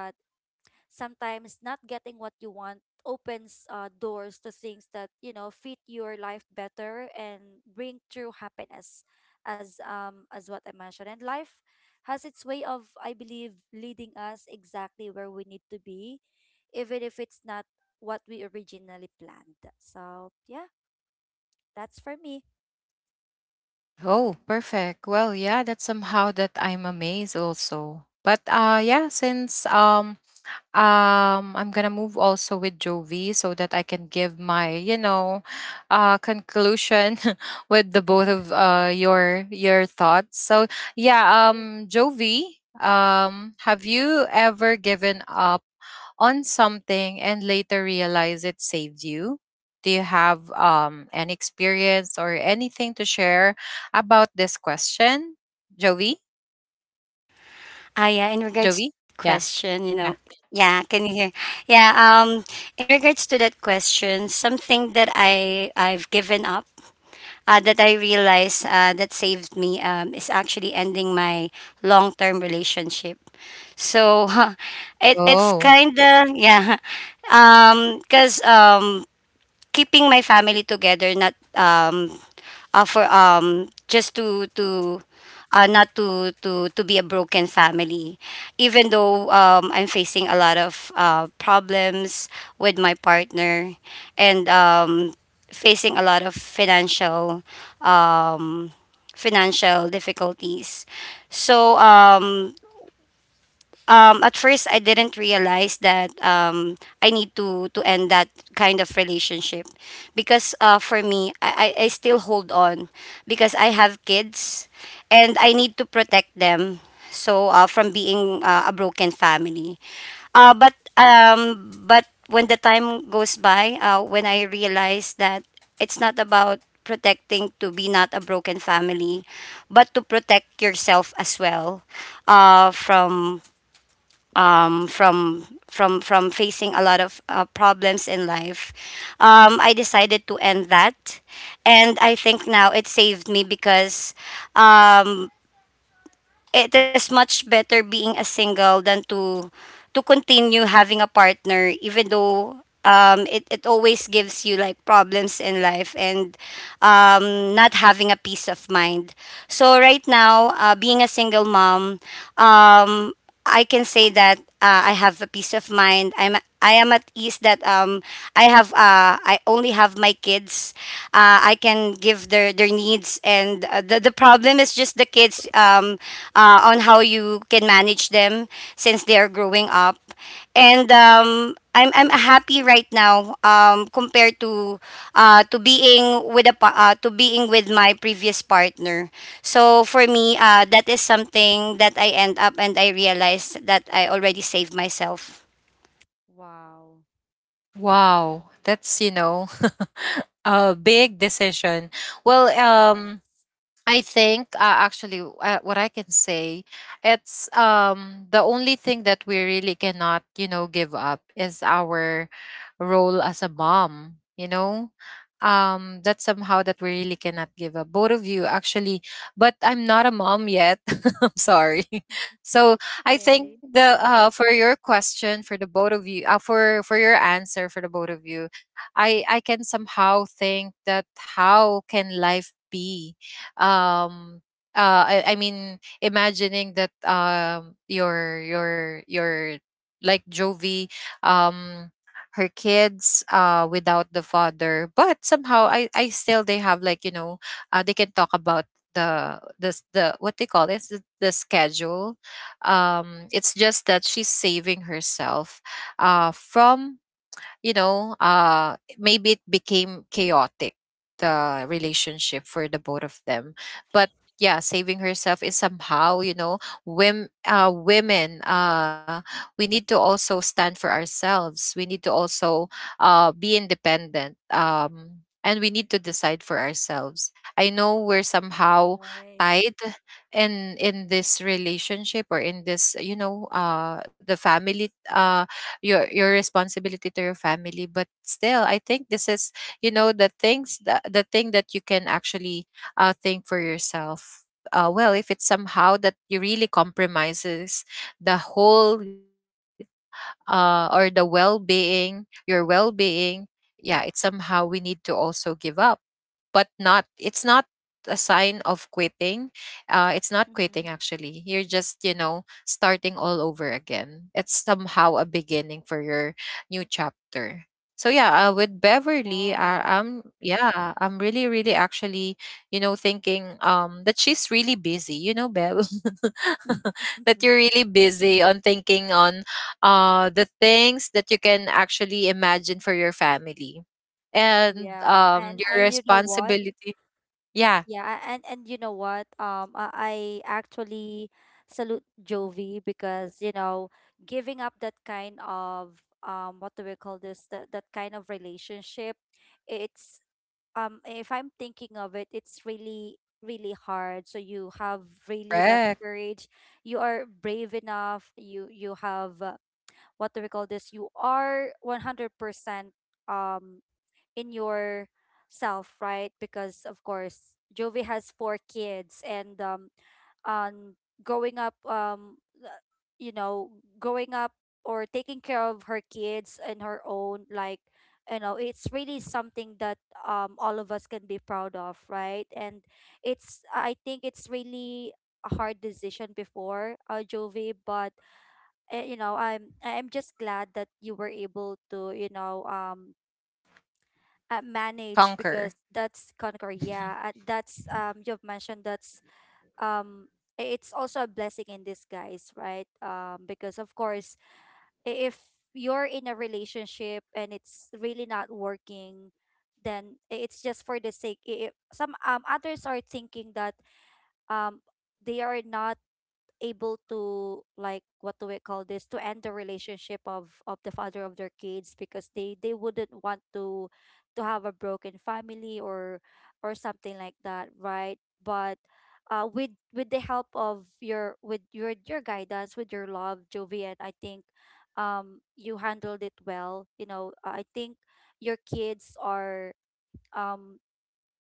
[SPEAKER 2] sometimes not getting what you want opens, uh, doors to things that you know fit your life better and bring true happiness, as um as what I mentioned. And life has its way of, I believe, leading us exactly where we need to be, even if it's not what we originally planned. So yeah, that's for me.
[SPEAKER 1] Oh, perfect. Well, yeah, that's somehow that I'm amazed also. But uh yeah, since um um I'm gonna move also with jovi so that I can give my you know uh conclusion with the both of uh your your thoughts. So
[SPEAKER 2] Sure.
[SPEAKER 1] yeah, um jovi, um have you ever given up on something and later realize it saved you? Do you have um an experience or anything to share about this question, jovi?
[SPEAKER 3] ah yeah in regards
[SPEAKER 1] Jovi?
[SPEAKER 3] to that
[SPEAKER 1] Yeah.
[SPEAKER 3] question, you
[SPEAKER 1] Yeah.
[SPEAKER 3] know, yeah, can you hear? Yeah, um in regards to that question, something that i i've given up uh, that I realized uh, that saved me um, is actually ending my long term relationship. So it, it's
[SPEAKER 1] Oh,
[SPEAKER 3] kind of, yeah, Um, because um, um, keeping my family together, not um, uh, for um just to to uh, not to to to be a broken family, even though um, I'm facing a lot of uh, problems with my partner, and um, facing a lot of financial um, financial difficulties. So um, um, at first I didn't realize that um, I need to to end that kind of relationship, because uh, for me I, I I still hold on because I have kids and I need to protect them, so uh, from being uh, a broken family. Uh, but um, but when the time goes by, uh, when I realize that it's not about protecting to be not a broken family, but to protect yourself as well, uh, from um, from from from facing a lot of uh, problems in life, um, I decided to end that, and I think now it saved me because um, it is much better being a single than to to continue having a partner, even though. Um, it, it always gives you like problems in life and um, not having a peace of mind. So right now, uh, being a single mom, um, I can say that uh, I have a peace of mind. I'm I am at ease that um I have uh I only have my kids. Uh, I can give their their needs and uh, the the problem is just the kids um uh, on how you can manage them since they are growing up. And um I'm I'm happy right now um compared to uh to being with a pa- uh, to being with my previous partner. So for me, uh that is something that I end up and I realized that I already saved myself.
[SPEAKER 2] Wow.
[SPEAKER 1] wow, that's you know a big decision. Well,
[SPEAKER 2] Yes.
[SPEAKER 1] um I think uh, actually uh, what I can say, it's um the only thing that we really cannot you know give up is our role as a mom, you know um that's somehow that we really cannot give up, both of you actually. But I'm not a mom yet, I'm sorry.
[SPEAKER 2] It's
[SPEAKER 1] So I
[SPEAKER 2] okay.
[SPEAKER 1] think the uh for your question for the both of you, uh, for for your answer for the both of you, I I can somehow think that how can life be, um uh I, I mean, imagining that um your your your like Jovi, um her kids uh without the father, but somehow I I still, they have like you know uh they can talk about the the s- the what they call this, the, the schedule. um it's just that she's saving herself uh from, you know, uh, maybe it became chaotic, the relationship for the both of them. But yeah, saving herself is somehow, you know, wim, uh, women, uh, we need to also stand for ourselves. We need to also uh, be independent. Um, and we need to decide for ourselves. I know we're somehow
[SPEAKER 2] Right.
[SPEAKER 1] tied in in this relationship, or in this you know uh the family, uh your your responsibility to your family. But still, I think this is, you know the things that, the thing that you can actually uh think for yourself. uh, well, if it's somehow that you really compromises the whole uh, or the well-being, your well-being. Yeah, it's somehow we need to also give up, but not, it's not a sign of quitting. uh it's not
[SPEAKER 2] Mm-hmm.
[SPEAKER 1] quitting. Actually, you're just, you know starting all over again. It's somehow a beginning for your new chapter. So yeah, uh, with Beverly,
[SPEAKER 2] Wow.
[SPEAKER 1] uh, i'm yeah I'm really really actually, you know thinking um that she's really busy, you know Bev. That you're really busy on thinking on uh the things that you can actually imagine for your family, and
[SPEAKER 2] Yeah, and I,
[SPEAKER 1] um
[SPEAKER 2] you
[SPEAKER 1] your
[SPEAKER 2] know what?
[SPEAKER 1] responsibility. Yeah,
[SPEAKER 2] Yeah, a- and and you know what? Um, I, I actually salute Jovi, because you know, giving up that kind of, um what do we call this, that that kind of relationship, it's um if I'm thinking of it, it's really really hard. So you have really that
[SPEAKER 1] correct.
[SPEAKER 2] courage. You are brave enough. You you have, uh, what do we call this? You are one hundred percent. Um, in yourself, right? Because of course, Jovi has four kids, and um, on growing up, um, uh, you know, growing up, or taking care of her kids and her own, like, you know, it's really something that um all of us can be proud of, right? And it's, I think it's really a hard decision before, uh, Jovi, but, uh, you know, I'm I'm just glad that you were able to, you know, um uh, manage, because that's conquer, yeah. And that's, um you've mentioned, that's, um i- it's also a blessing in disguise, right. Um because of course, i- if you're in a relationship and it's really not working, then i- it's just for the sake, i i- some, um others are thinking that um they are not able to, like, what do we call this, to end the relationship of of the father of their kids, because they they wouldn't want to to have a broken family, or or something like that, right. But uh with with the help of your, with your your guidance, with your love, Jovian, I think, um you handled it well, you know. I think your kids are um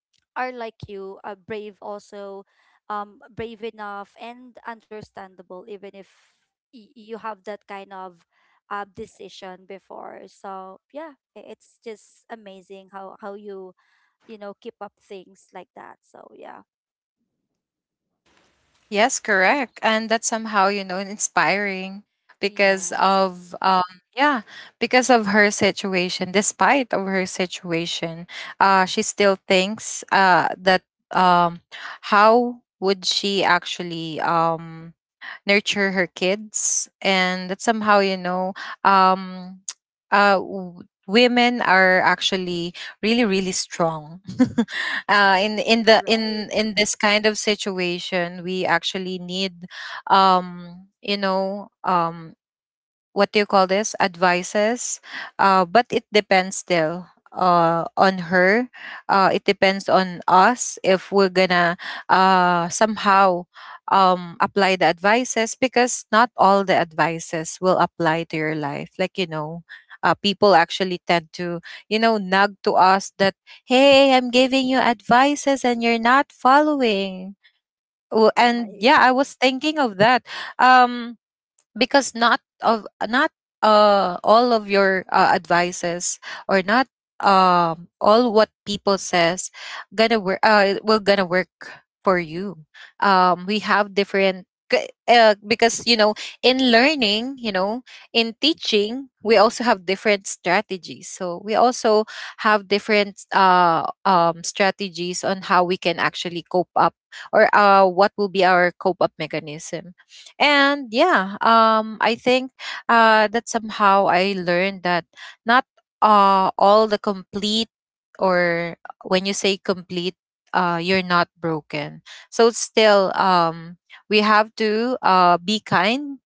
[SPEAKER 2] are like you, uh, brave also, um, brave enough and understandable, even if y- you have that kind of, uh, decision before. So yeah, i- it's just amazing how how you, you know, keep up things like that. So yeah.
[SPEAKER 1] Yes, correct. And that's somehow, you know inspiring
[SPEAKER 2] Yes.
[SPEAKER 1] because of um yeah, because of her situation, despite of her situation, uh she still thinks uh that um how would she actually um nurture her kids. And that
[SPEAKER 2] Mhm.
[SPEAKER 1] somehow, you know um uh w- women are actually really really strong. uh in in the
[SPEAKER 2] Right.
[SPEAKER 1] in in this kind of situation, we actually need, um you know um what do you call this, advices. uh, but it depends still uh, on her. uh, it depends on us if we're gonna, uh, somehow, um, apply the advices, because not all the advices will apply to your life, like, you know uh, people actually tend to, you know nag to us that,
[SPEAKER 2] Mhm.
[SPEAKER 1] hey, I'm giving you advices and you're not following. Oh,
[SPEAKER 2] Right.
[SPEAKER 1] and yeah, I was thinking of that, um because not of not uh all of your uh, advices, or not um all what people says gonna work, uh will gonna work for you. um we have different k- uh, because, you know in learning, you know in teaching, we also have different strategies, so we also have different uh um strategies on how we can actually cope up, or uh what will be our cope up mechanism. And yeah, um, I think uh, that somehow I learned that, not uh, all the complete, or when you say complete, uh, you're not broken. So still, um, we have to uh, be kind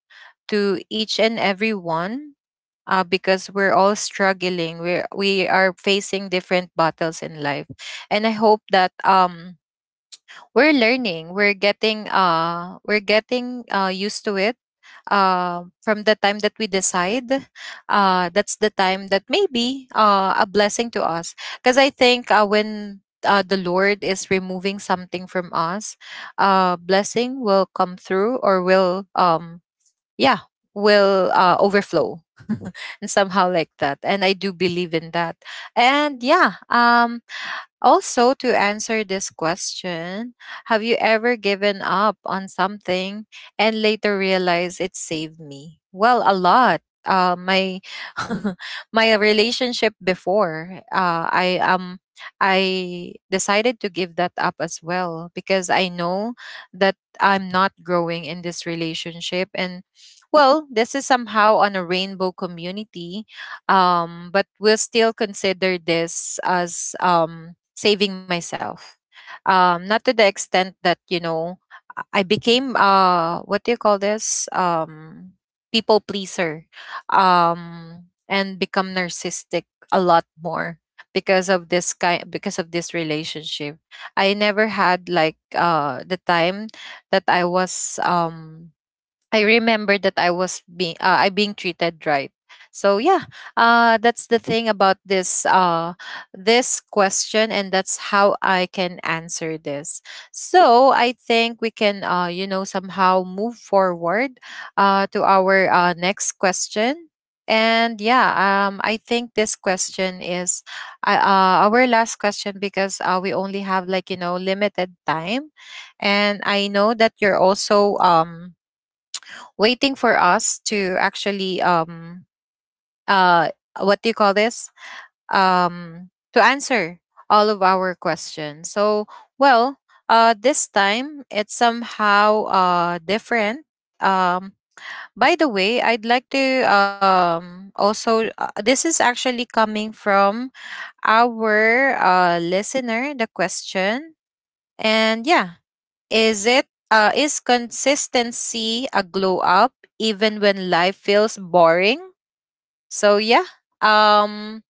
[SPEAKER 1] to each and every one. Uh, because we're all struggling, we we are facing different battles in life, and I hope that um we're learning, we're getting uh we're getting uh used to it um, from the time that we decide, uh, that's the time that maybe uh, a blessing to us. Because I think uh, when uh, the lord is removing something from us, uh, blessing will come through or will um, yeah will uh, overflow and somehow like that. And I do believe in that. And yeah, um, also, to answer this question, have you ever given up on something and later realized it saved me? Well, a lot. Uh, my my relationship before, uh, I um I decided to give that up as well, because I know that I'm not growing in this relationship. And well, this is somehow on a rainbow community, um but we'll still consider this as um saving myself. Um, not to the extent that, you know, I I became uh what do you call this? Um people pleaser. Um and become narcissistic a lot more because of this kind because of this relationship. I never had like uh the time that I was um I remember that I was being uh, I being treated right. So yeah, uh, that's the thing about this uh, this question, and that's how I can answer this. So I think we can, uh, you know somehow move forward uh, to our uh, next question. And yeah, um, I think this question is, uh, uh, our last question, because uh, we only have like, you know limited time, and I know that you're also um waiting for us to actually um uh what do you call this, um to answer all of our questions. So well, uh this time it's somehow uh different. um by the way, I'd like to um also, uh, this is actually coming from our uh listener, the question. And yeah, is it uh is consistency a glow up even when life feels boring? So yeah. Um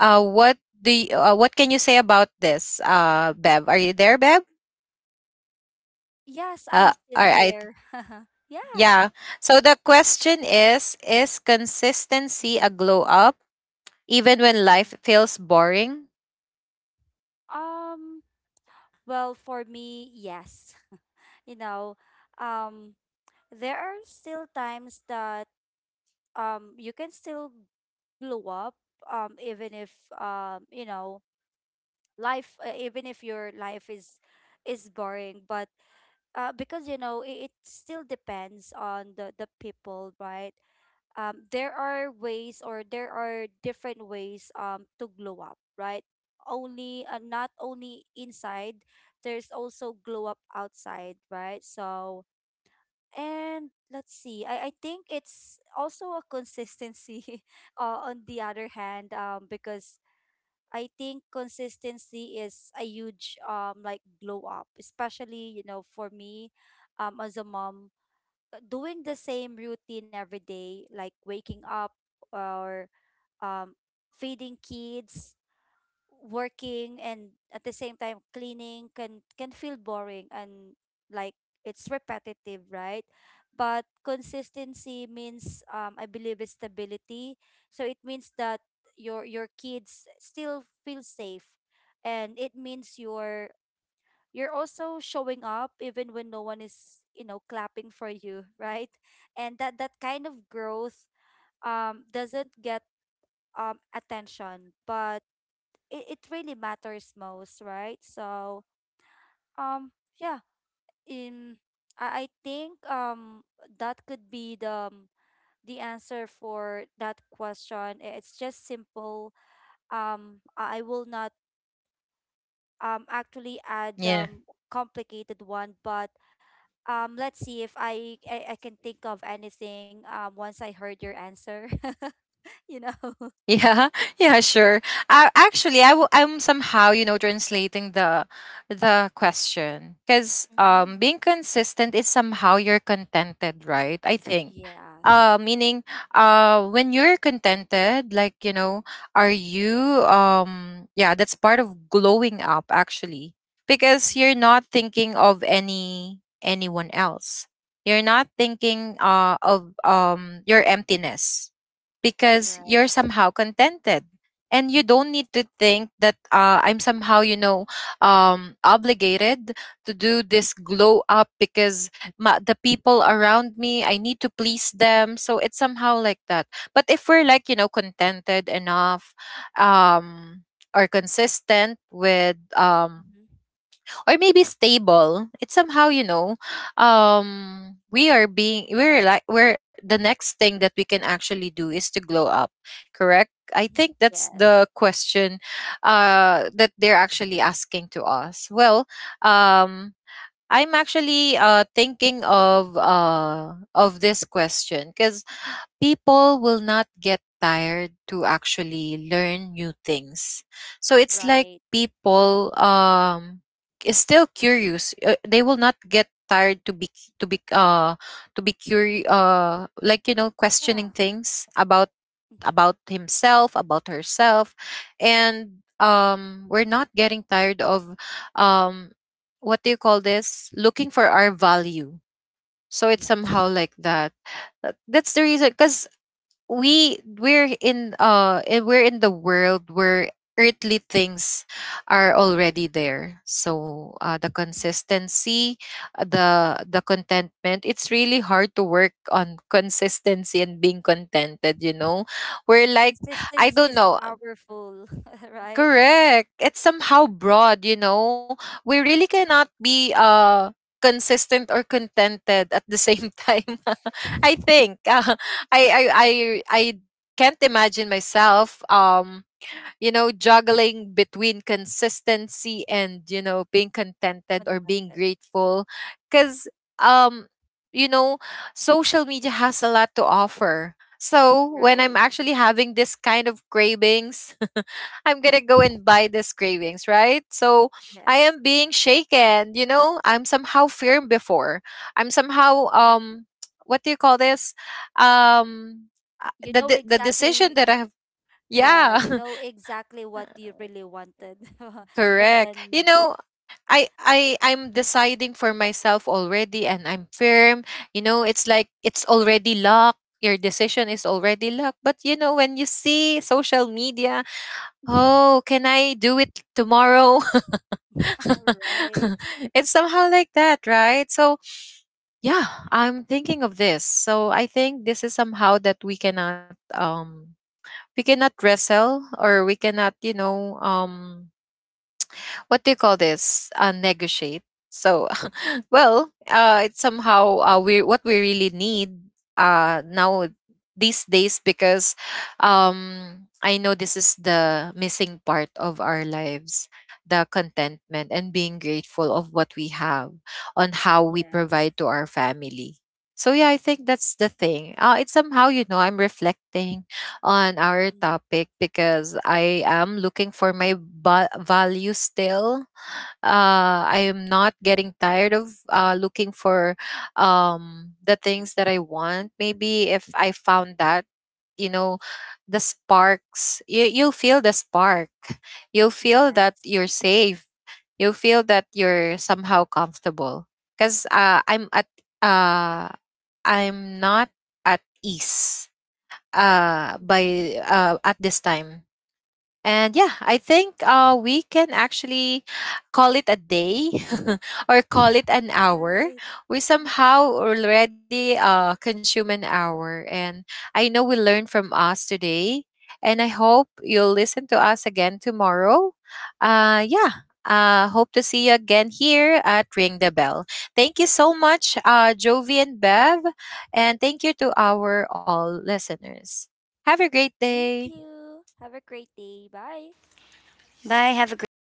[SPEAKER 1] uh what do you, uh, what can you say about this? Uh Bev, are you there, Bev?
[SPEAKER 2] Yes, I'm still
[SPEAKER 1] Uh, all
[SPEAKER 2] here.
[SPEAKER 1] right.
[SPEAKER 2] Yeah.
[SPEAKER 1] Yeah. So the question is is
[SPEAKER 2] Mhm.
[SPEAKER 1] consistency a glow up even when life feels boring?
[SPEAKER 2] Um. Well, for me, yes. You know, um. there are still times that um you can still blow up, um even if, um you know, life, uh, even if your life is is boring, but, uh because you know it, it still depends on the the people, right. Um there are ways, or there are different ways um to glow up, right. only uh, Not only inside, there's also glow up outside, right. So, and let's see, i, I think it's also a consistency. Uh, on the other hand, um, because I think consistency is a huge, um, like, glow up, especially, you know, for me, um, as a mom, uh, doing the same routine every day, like waking up, or, um, feeding kids, working, and at the same time cleaning, can can feel boring and, like, it's repetitive, right. But consistency means, um, I believe, is stability. So it means that your your kids still feel safe, and it means you're you're also showing up even when no one is, you know, clapping for you. Right. And that that kind of growth um doesn't get um attention, but it, it really matters most, right? So, um yeah, in I, I think um that could be the, um, the answer for that question. I- It's just simple. Um I I will not um actually add um
[SPEAKER 1] Yeah.
[SPEAKER 2] complicated one, but um let's see if I I, I can think of anything um once I heard your answer. You know.
[SPEAKER 1] Yeah, yeah, sure. Uh, actually, I w- I'm somehow, you know, translating the the question, because
[SPEAKER 2] Mm-hmm.
[SPEAKER 1] um, being consistent is somehow you're contented, right? I think.
[SPEAKER 2] Yes.
[SPEAKER 1] Uh, meaning, uh, when you're contented, like, you know, are you um, yeah, that's part of glowing up actually,
[SPEAKER 2] Mm-hmm.
[SPEAKER 1] because you're not thinking of any anyone else. You're not thinking uh of um your emptiness,
[SPEAKER 2] Right.
[SPEAKER 1] because you're somehow contented, and you don't need to think that, uh, I'm somehow, you know um, obligated to do this glow up because ma the people around me, I need to please them. So it's somehow like that. But if we're like, you know contented enough, um, or consistent with,
[SPEAKER 2] Mm-hmm.
[SPEAKER 1] um, or maybe stable, it's somehow, you know um we are being, we're like, we're the next thing that we can actually do is to glow up. Correct,
[SPEAKER 2] Mm-hmm.
[SPEAKER 1] I think that's
[SPEAKER 2] Yes.
[SPEAKER 1] the question uh that they're actually asking to us. Well, um I'm actually uh thinking of, uh of this question, cuz people will not get tired to actually learn new things. So
[SPEAKER 2] Right.
[SPEAKER 1] it's like people um is still curious. Uh, they will not get tired to be to be, uh to be curious, uh like, you know
[SPEAKER 2] Yeah.
[SPEAKER 1] questioning things
[SPEAKER 2] Mm.
[SPEAKER 1] about about himself, about herself. And um we're not getting tired of, um what do you call this, looking for our value. So it's
[SPEAKER 2] Yes.
[SPEAKER 1] somehow like that. Uh, that's the reason, because we we're in uh eh, we're in the world where earthly things are already there. So uh, the
[SPEAKER 2] Mhm.
[SPEAKER 1] consistency, uh, the the contentment, it's really hard to work on consistency and being contented, you know we're like,
[SPEAKER 2] Consistency is
[SPEAKER 1] I don't know.
[SPEAKER 2] powerful, right?
[SPEAKER 1] Correct. It's somehow broad, you know. We really cannot be uh consistent or contented at the same time. I think uh, I, I I I can't imagine myself um you know, juggling between consistency and, you know, being contented
[SPEAKER 2] Contented.
[SPEAKER 1] or being grateful. Because, um, you know, social media has a lot to offer. So
[SPEAKER 2] Right.
[SPEAKER 1] when I'm actually having this kind of cravings, I'm gonna go and buy this cravings, right? So
[SPEAKER 2] Yes.
[SPEAKER 1] I am being shaken, you know, I'm somehow firm before. I'm somehow um what do you call this? Um
[SPEAKER 2] You
[SPEAKER 1] uh,
[SPEAKER 2] know
[SPEAKER 1] the de- the
[SPEAKER 2] exactly,
[SPEAKER 1] decision that I have,
[SPEAKER 2] yeah, you know
[SPEAKER 1] yeah.
[SPEAKER 2] exactly what you really wanted. But then,
[SPEAKER 1] Correct. You know, I I I'm deciding for myself already and I'm firm. You know, it's like it's already locked. Your decision is already locked. But you know, when you see social media, oh, can I do it tomorrow?
[SPEAKER 2] right.
[SPEAKER 1] it's somehow like that, right? So yeah, I'm thinking of this. So I think this is somehow that we cannot um we cannot wrestle, or we cannot, you know, um what do you call this? Uh, negotiate. So, well, uh, it's somehow uh, we what we really need uh, now, these days, because um, I know this is the missing part of our lives, the contentment and being grateful of what we have, on how we
[SPEAKER 2] Yes.
[SPEAKER 1] provide to our family. So yeah, I think that's the thing. Uh, it's somehow, you know, I'm reflecting on
[SPEAKER 2] Mhm.
[SPEAKER 1] our topic, because I am looking for my ba- value still. Uh, I am not getting tired of uh, looking for um, the things that I want. Maybe if I found that, you know, the sparks, you, you feel the spark. You
[SPEAKER 2] Yes.
[SPEAKER 1] feel that you're safe. You feel that you're somehow comfortable. Because uh, I'm at, uh, I'm not at ease
[SPEAKER 2] Mhm.
[SPEAKER 1] uh by uh at this time. And yeah, I think uh, we can actually call it a day or call it an
[SPEAKER 2] Right.
[SPEAKER 1] hour. We somehow already uh, consume an hour. And I know we learned from us today. And I hope you'll listen to us again tomorrow. Uh, yeah. Uh, hope to see you again here at Ring the Bell. Thank you so much, uh, Jovi and Bev. And thank you to our all listeners. Have a great
[SPEAKER 2] Thank
[SPEAKER 1] day.
[SPEAKER 2] you. Have a great day. Bye.
[SPEAKER 3] Bye, have a great day. Thank you so much.